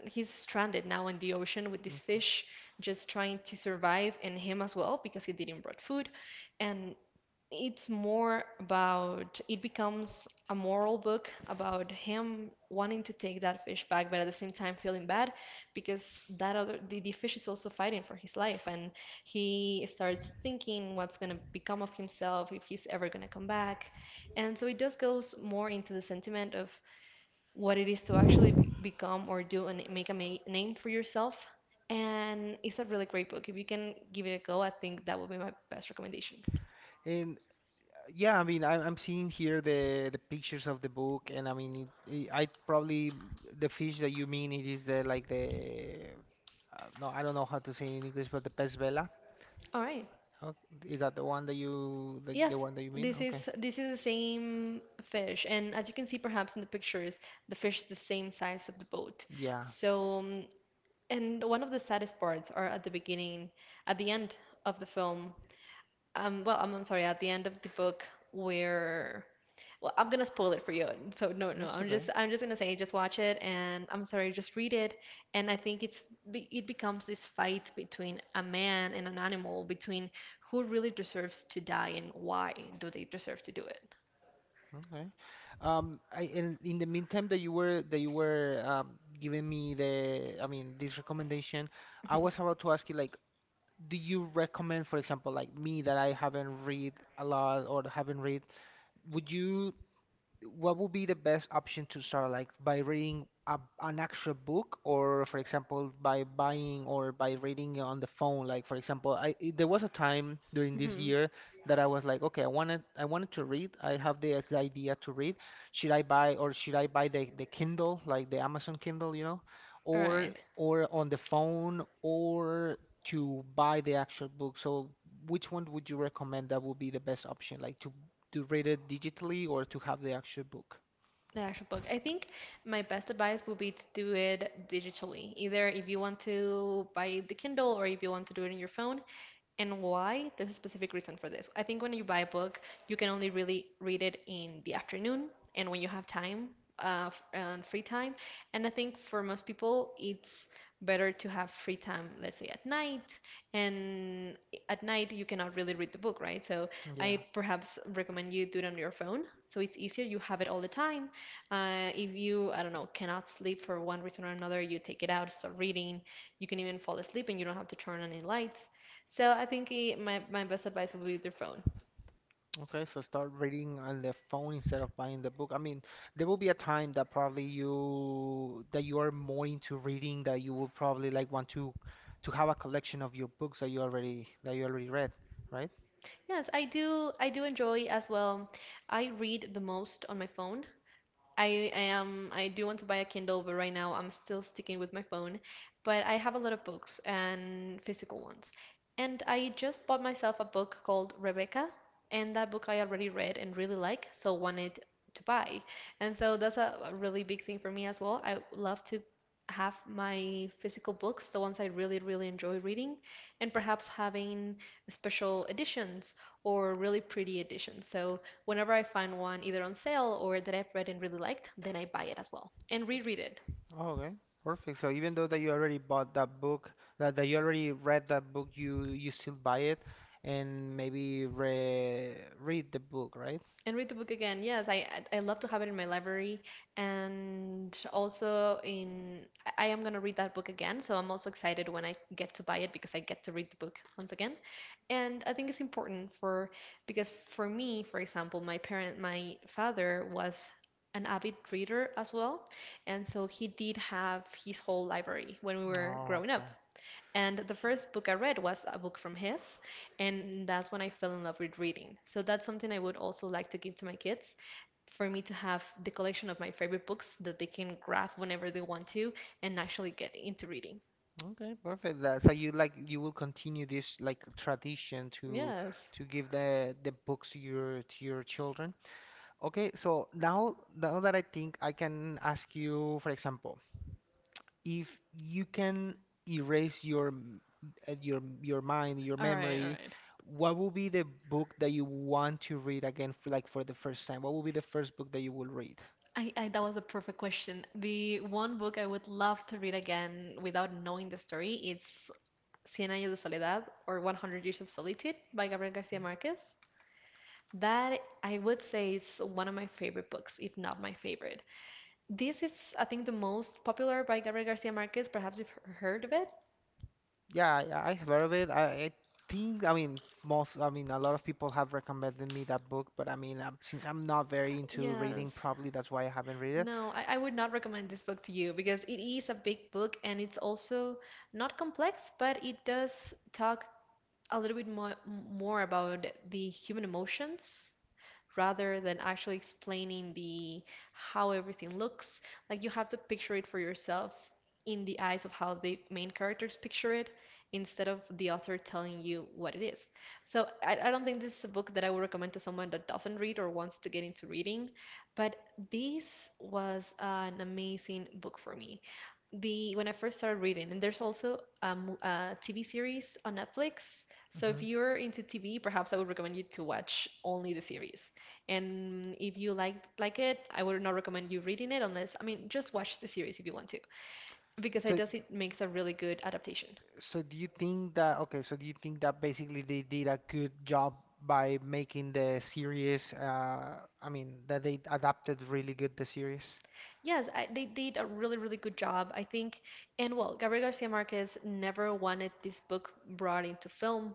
S2: he's stranded now in the ocean with this
S1: Mm.
S2: fish, just trying to survive, and him as well because he didn't brought food. And it's more about, it becomes a moral book about him wanting to take that fish back but at the same time feeling bad because that the fish is also fighting for his life, and he starts thinking what's going to become of himself, if he's ever going to come back. And so it just goes more into the sentiment of what it is to actually become or do and make a name for yourself, and it's a really great book. If you can give it a go, I think that would be my best recommendation.
S1: And yeah, I mean, I, I'm seeing here the pictures of the book, and I mean, I probably the fish that you mean it is the like the no, I don't know how to say it in English, but the pez vela.
S2: All right.
S1: Oh, is that the one that the
S2: Yes,
S1: one that you mean? Okay.
S2: this is the same fish, and as you can see perhaps in the pictures, the fish is the same size of the boat.
S1: Yeah,
S2: So, and one of the saddest parts are at the beginning, at the end of the film, well, I'm sorry, at the end of the book, where, well, I'm gonna spoil it for you. So no, no,
S1: it's okay.
S2: I'm just gonna say just watch it, and I'm sorry, just read it. And I think it's it becomes this fight between a man and an animal, between who really deserves to die and why do they deserve to do it.
S1: Okay. I in the meantime that you were giving me the, I mean, this recommendation, I was about to ask you, like, do you recommend, for example, like me that I haven't read a lot or haven't read, would you what would be the best option to start, like by reading a, an actual book or for example by buying or by reading on the phone, like for example I there was a time during this
S2: Mm-hmm.
S1: year that I was like, okay, I wanted to read, I have this idea to read, should I buy or should I buy the Kindle, like the Amazon Kindle, you know,
S2: All
S1: or
S2: right.
S1: or on the phone or to buy the actual book, so which one would you recommend that would be the best option, like to read it digitally or to have the actual book.
S2: The actual book. I think my best advice would be to do it digitally. Either if you want to buy the Kindle or if you want to do it on your phone. And why? There's a specific reason for this. I think when you buy a book, you can only really read it in the afternoon and when you have time, uh, and free time. And I think for most people, it's better to have free time, let's say at night. And at night, you cannot really read the book, right? So I
S1: Yeah.
S2: perhaps recommend you do it on your phone. So it's easier. You have it all the time. If you, I don't know, cannot sleep for one reason or another, you take it out, start reading. You can even fall asleep and you don't have to turn on any lights. So I think my best advice would be their phone.
S1: Okay, so start reading on the phone instead of buying the book. I mean, there will be a time that probably you are more into reading that you will probably like want to have a collection of your books that you already read, right?
S2: Yes, I do enjoy as well. I read the most on my phone. I do want to buy a Kindle, but right now I'm still sticking with my phone. But I have a lot of books and physical ones. And I just bought myself a book called Rebecca, and that book I already read and really like, so wanted to buy. And so that's a really big thing for me as well. I love to have my physical books, the ones I really, really enjoy reading, and perhaps having special editions or really pretty editions. So whenever I find one either on sale or that I've read and really liked, then I buy it as well and reread it
S1: Okay, perfect. So even though that you already bought that book, that you already read that book, you still buy it and maybe re read the book, right?
S2: and read the book again. Yes, I love to have it in my library, and also in, I am gonna read that book again, so I'm also excited when I get to buy it because I get to read the book once again. And I think it's important for, because for me, for example, my father was an avid reader as well. And so he did have his whole library when we were
S1: Oh,
S2: growing up.
S1: okay.
S2: And the first book I read was a book from his, and that's when I fell in love with reading. So that's something I would also like to give to my kids, for me to have the collection of my favorite books that they can grab whenever they want to and actually get into reading.
S1: Okay, perfect. That, so you like you will continue this like tradition to
S2: Yes.
S1: give the books to your children. Okay, so now now that I think I can ask you, for example, if you can erase your mind, your
S2: All right, all
S1: memory,
S2: right.
S1: what will be the book that you want to read again for like for the first time? What will be the first book that you will read?
S2: I that was a perfect question. The one book I would love to read again without knowing the story, it's Cien años de soledad, or One Hundred years of solitude by Gabriel Garcia Marquez. That I would say is one of my favorite books, if not my favorite. This is, I think, the most popular by Gabriel Garcia Marquez. Perhaps you've heard of it.
S1: Yeah, yeah, I have heard of it. I think, I mean, most, I mean, a lot of people have recommended me that book, but I mean, since I'm not very into reading,
S2: Yes.
S1: probably that's why I haven't read it.
S2: No, I would not recommend this book to you because it is a big book, and it's also not complex, but it does talk a little bit more, more about the human emotions rather than actually explaining the how everything looks. Like you have to picture it for yourself in the eyes of how the main characters picture it instead of the author telling you what it is. So I don't think this is a book that I would recommend to someone that doesn't read or wants to get into reading, but this was an amazing book for me the when I first started reading, and there's also a a TV series on Netflix. So if
S1: Hmm.
S2: you're into TV, perhaps I would recommend you to watch only the series. And if you like it, I would not recommend you reading it unless, I mean, just watch the series if you want to, because it
S1: So,
S2: does, it makes a really good adaptation.
S1: do you think that, okay, so do you think that basically they did a good job by making the series, I mean, that they adapted really good the series?
S2: Yes, they did a really really good job, I think. And well, Gabriel Garcia Marquez never wanted this book brought into film,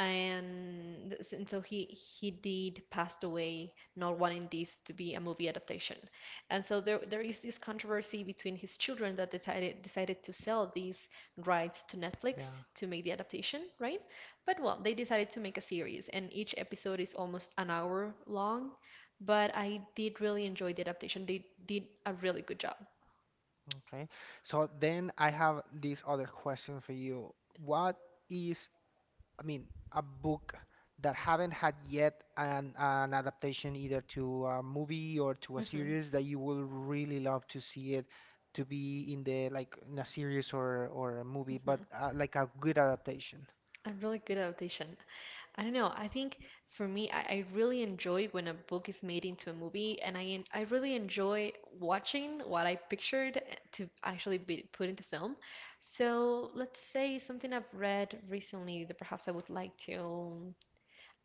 S2: and and so he did passed away not wanting this to be a movie adaptation. And so there is this controversy between his children that decided to sell these rights to Netflix
S1: Yeah,
S2: to make the adaptation, right? But well, they decided to make a series and each episode is almost an hour long, but I did really enjoy the adaptation. They did a really good job.
S1: okay. So then I have this other question for you. What is, I mean, a book that haven't had yet an adaptation either to a movie or to a
S2: Hmm.
S1: series that you will really love to see it to be in the like in a series or a movie, but
S2: Hmm.
S1: like a good adaptation.
S2: A really good adaptation. I don't know. I think for me, I really enjoy when a book is made into a movie, and I I really enjoy watching what I pictured to actually be put into film. So let's say something I've read recently that perhaps I would like to.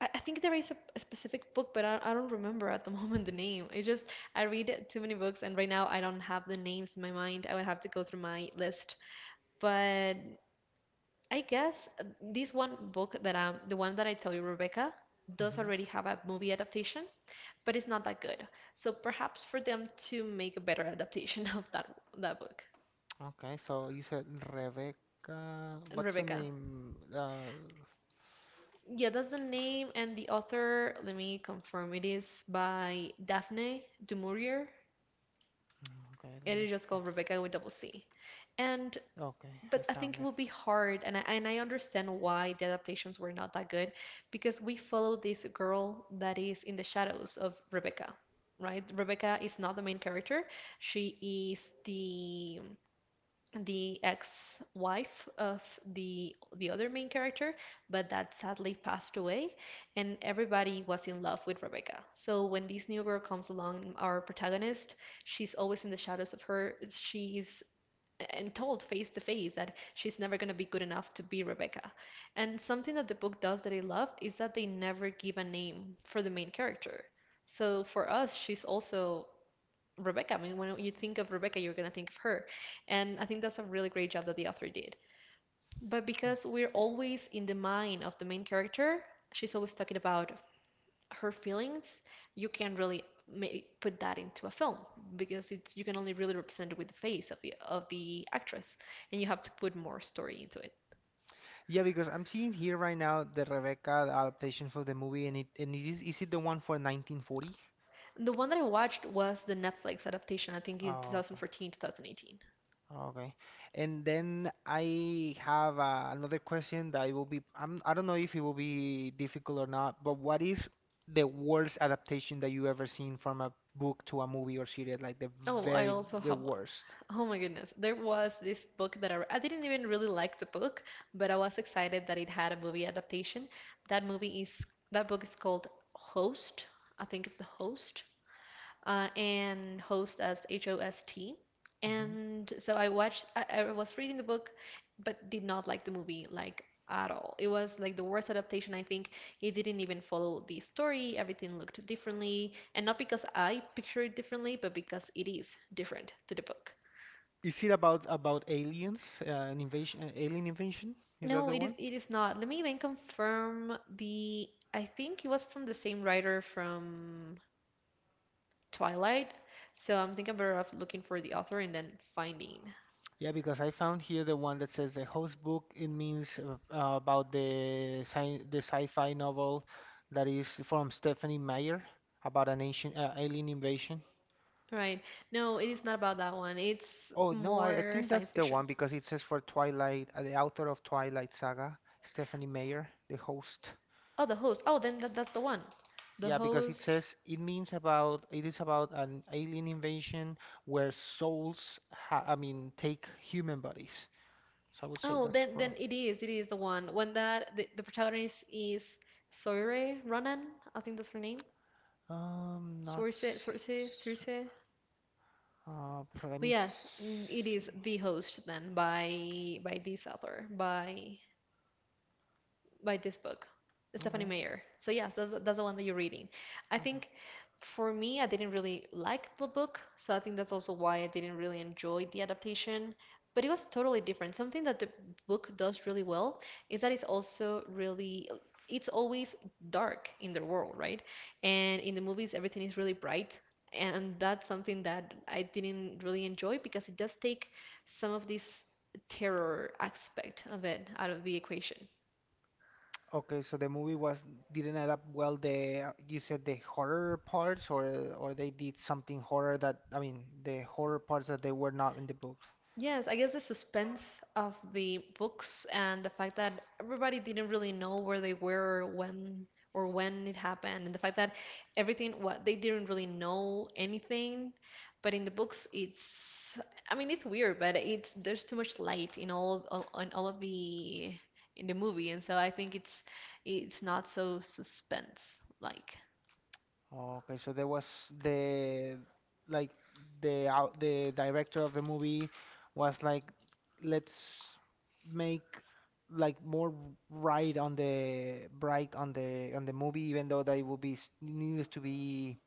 S2: I think there is a specific book, but I don't remember at the moment the name. It's just I read too many books, and right now I don't have the names in my mind. I would have to go through my list. But I guess this one book that the one that I tell you, Rebecca, does
S1: Hmm.
S2: already have a movie adaptation, but it's not that good. So perhaps for them to make a better adaptation of that book.
S1: Okay, so you said Rebecca.
S2: And
S1: What's the
S2: Rebecca.
S1: name?
S2: Yeah, that's the name and the author. Let me confirm. It is by Daphne du Maurier.
S1: Okay, let
S2: It
S1: me
S2: is just
S1: see.
S2: called Rebecca with double C. And,
S1: Okay, I
S2: but I
S1: found
S2: think it
S1: it.
S2: would be hard, and and I understand why the adaptations were not that good, because we follow this girl that is in the shadows of Rebecca, right? Rebecca is not the main character. She is the ex-wife of the other main character, but that sadly passed away, and everybody was in love with Rebecca. So when this new girl comes along, our protagonist, she's always in the shadows of her. She's and told face to face that she's never going to be good enough to be Rebecca. And something that the book does that I love is that they never give a name for the main character. So for us, she's also Rebecca. I mean, when you think of Rebecca, you're going to think of her. And I think that's a really great job that the author did. But because we're always in the mind of the main character, she's always talking about her feelings, you can not really ma- put that into a film because it's you can only really represent it with the face of the actress, and you have to put more story into it.
S1: Yeah, because I'm seeing here right now the Rebecca adaptation for the movie, and it is it the one for 1940?
S2: The one that I watched was the Netflix adaptation. I think it's
S1: Oh, okay.
S2: 2014, 2018.
S1: Okay. And then I have another question that it will be, I'm, I don't know if it will be difficult or not, but what is the worst adaptation that you ever seen from a book to a movie or series, like
S2: Oh, I
S1: very,
S2: also
S1: the
S2: have one.
S1: worst?
S2: Oh my goodness. There was this book that I didn't even really like the book, but I was excited that it had a movie adaptation. That movie is that book is called Host. I think it's The Host. And host as Host.
S1: Hmm.
S2: And so I was reading the book, but did not like the movie like at all. It was like the worst adaptation, I think. It didn't even follow the story. Everything looked differently, and not because I picture it differently, but because it is different to the book.
S1: Is it about aliens, an invasion, an alien invasion? Is that
S2: No,
S1: the
S2: it is
S1: one?
S2: it is not. Let me then confirm the. I think it was from the same writer from Twilight. So I'm thinking better off looking for the author and then finding.
S1: Yeah, because I found here the one that says the host book. It means about the sci the sci-fi novel that is from Stephanie Meyer about an ancient alien invasion.
S2: Right. No, it is not about that one. It's
S1: Oh no, I
S2: more
S1: think that's
S2: science
S1: the
S2: fiction.
S1: one because it says for Twilight, the author of Twilight Saga, Stephanie Meyer, the host.
S2: Oh, the host. Oh, then that's the one. The
S1: Yeah, because it
S2: host.
S1: says it means about it is about an alien invasion where souls ha I mean take human bodies. So I would say
S2: Oh,
S1: that's
S2: then
S1: wrong.
S2: then it is. It is the one. When that the protagonist is Soire Ronan. I think that's her name.
S1: Not.
S2: Source,
S1: S-
S2: Source, Circe.
S1: Pro- Let
S2: But
S1: me
S2: yes, it is
S1: see.
S2: the host then by this author by this book, Stephanie
S1: Okay,
S2: Meyer. So yes, that's the one that you're reading. I
S1: okay.
S2: think for me, I didn't really like the book, so I think that's also why I didn't really enjoy the adaptation. But it was totally different. Something that the book does really well is that it's also really it's always dark in the world, right? And in the movies, everything is really bright. And that's something that I didn't really enjoy because it does take some of this terror aspect of it out of the equation.
S1: Okay, so the movie was didn't adapt well the you said the horror parts, or they did something horror that, I mean the horror parts that they were not in the books.
S2: Yes, I guess the suspense of the books and the fact that everybody didn't really know where they were when or when it happened, and the fact that everything what they didn't really know anything, but in the books it's I mean it's weird, but it's there's too much light in all in all of the in the movie, and so I think it's not so suspense like.
S1: Okay, so there was the like the director of the movie was like, let's make like more bright, on the movie, even though that it would be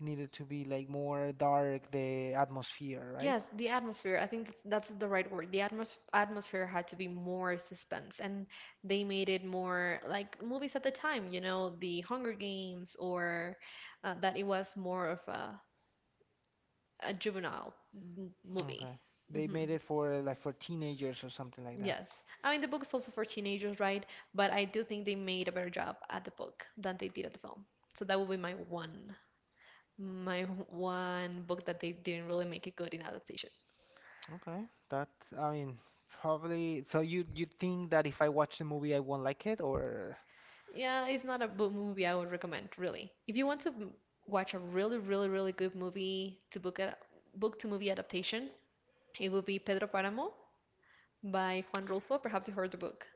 S1: needed to be like more dark, the atmosphere, right?
S2: Yes, the atmosphere. I think that's the right word. The atmosphere had to be more suspense, and they made it more like movies at the time, the Hunger Games, or that it was more of a juvenile m movie.
S1: Okay. They made
S2: Hmm.
S1: it for like for teenagers or something like that.
S2: Yes. I mean, the book is also for teenagers, right? But I do think they made a better job at the book than they did at the film. So that would be my one, book that they didn't really make it good in adaptation.
S1: Okay, that, I mean, probably. So you think that if I watch the movie I won't like it, or?
S2: Yeah, it's not a book movie I would recommend, really. If you want to watch a really, really, really good movie to book a book to movie adaptation, it would be Pedro Páramo by Juan Rulfo. Perhaps you heard the book.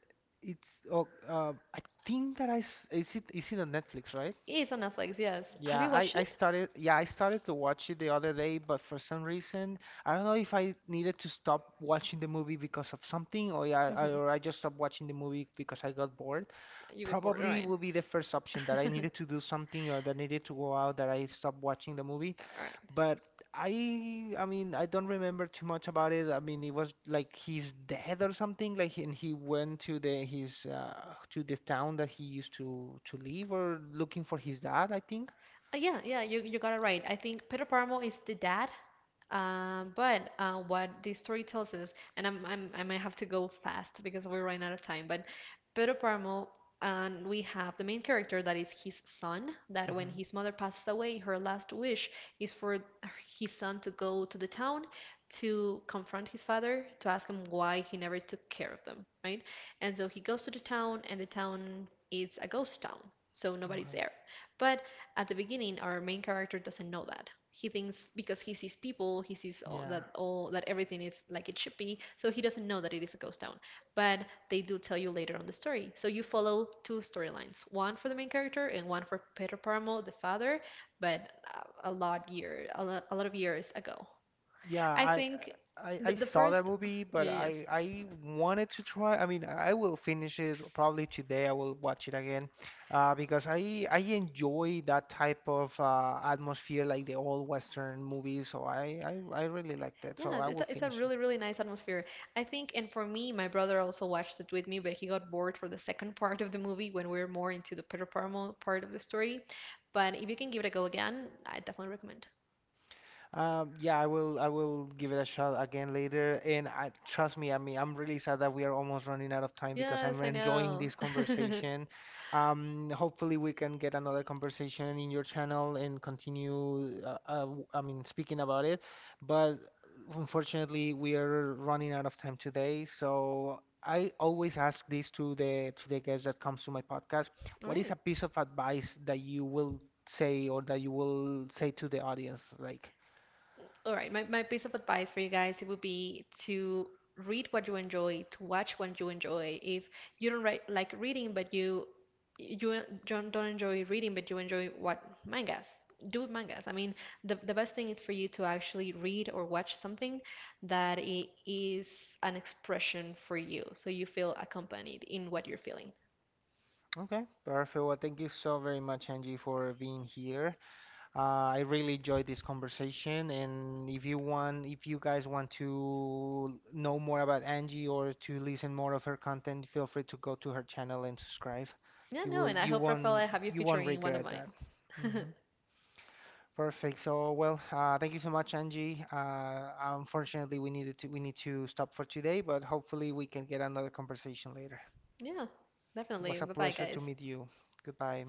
S1: It's oh, I think that is it, is it on Netflix, right?
S2: It's on Netflix, yes. Have
S1: Yeah,
S2: you watched it?
S1: I started yeah I started to watch it the other day, but for some reason I don't know if I needed to stop watching the movie because of something, or yeah,
S2: Hmm.
S1: or I just stopped watching the movie because I got bored.
S2: You got bored, all
S1: Probably
S2: right.
S1: will be the first option, that I needed to do something or that I needed to go out, that I stopped watching the movie.
S2: All right.
S1: But I mean, I don't remember too much about it. I mean, it was like he's dead or something. Like, and he went to the his to the town that he used to live, or looking for his dad, I think.
S2: Yeah, yeah, you got it right. I think Pedro Páramo is the dad. But what the story tells us, and I'm, I might have to go fast because we are running out of time, but Pedro Paramo, and we have the main character that is his son, that when
S1: Hmm.
S2: his mother passes away, her last wish is for his son to go to the town to confront his father, to ask him why he never took care of them, right? And so he goes to the town, and the town is a ghost town, so nobody's
S1: Okay.
S2: there. But at the beginning, our main character doesn't know that he thinks because he sees people, he sees all
S1: Yeah.
S2: that all that everything is like it should be, so he doesn't know that it is a ghost town. But they do tell you later on the story. So you follow two storylines, one for the main character and one for Pedro Paramo, the father, but a lot of years ago.
S1: Yeah,
S2: I
S1: I
S2: think
S1: I
S2: the,
S1: I
S2: the
S1: saw that
S2: first.
S1: movie,
S2: Yeah,
S1: but
S2: yeah, yes.
S1: I wanted to try. I mean, I will finish it probably today. I will watch it again, because I enjoy that type of atmosphere, like the old Western movies. So I really liked it. So
S2: Yeah,
S1: I
S2: it's
S1: will
S2: a, it's a
S1: finish it.
S2: really, really nice atmosphere. I think, and for me, my brother also watched it with me, but he got bored for the second part of the movie when we were more into the Peter Parmo part of the story. But if you can give it a go again, I definitely recommend.
S1: Yeah, I will. I will give it a shot again later. And trust me, I mean, I'm really sad that we are almost running out of time because
S2: Yes,
S1: I'm
S2: I
S1: enjoying
S2: know.
S1: this conversation. Hopefully, we can get another conversation in your channel and continue. I mean, speaking about it. But unfortunately, we are running out of time today. So I always ask this to the guests that comes to my podcast.
S2: All
S1: What is
S2: right.
S1: a piece of advice that you will say, or that you will say to the audience, like?
S2: All right, my piece of advice for you guys, it would be to read what you enjoy, to watch what you enjoy. If you don't write, like reading, but you don't enjoy reading, but you enjoy what mangas, do mangas. I mean, the best thing is for you to actually read or watch something that it is an expression for you, so you feel accompanied in what you're feeling.
S1: Okay, perfect. Well, thank you so very much, Angie, for being here. I really enjoyed this conversation, and if you want, if you guys want to know more about Angie or to listen more of her content, feel free to go to her channel and subscribe.
S2: Yeah, no, and I hope, Rafael, I have you
S1: You won't
S2: featuring in one of
S1: regret
S2: mine.
S1: that. Hmm. Perfect. So, well, thank you so much, Angie. Unfortunately, we need to stop for today, but hopefully we can get another conversation later.
S2: Yeah,
S1: It
S2: definitely.
S1: was a
S2: Bye bye,
S1: pleasure to
S2: guys.
S1: meet you. Goodbye.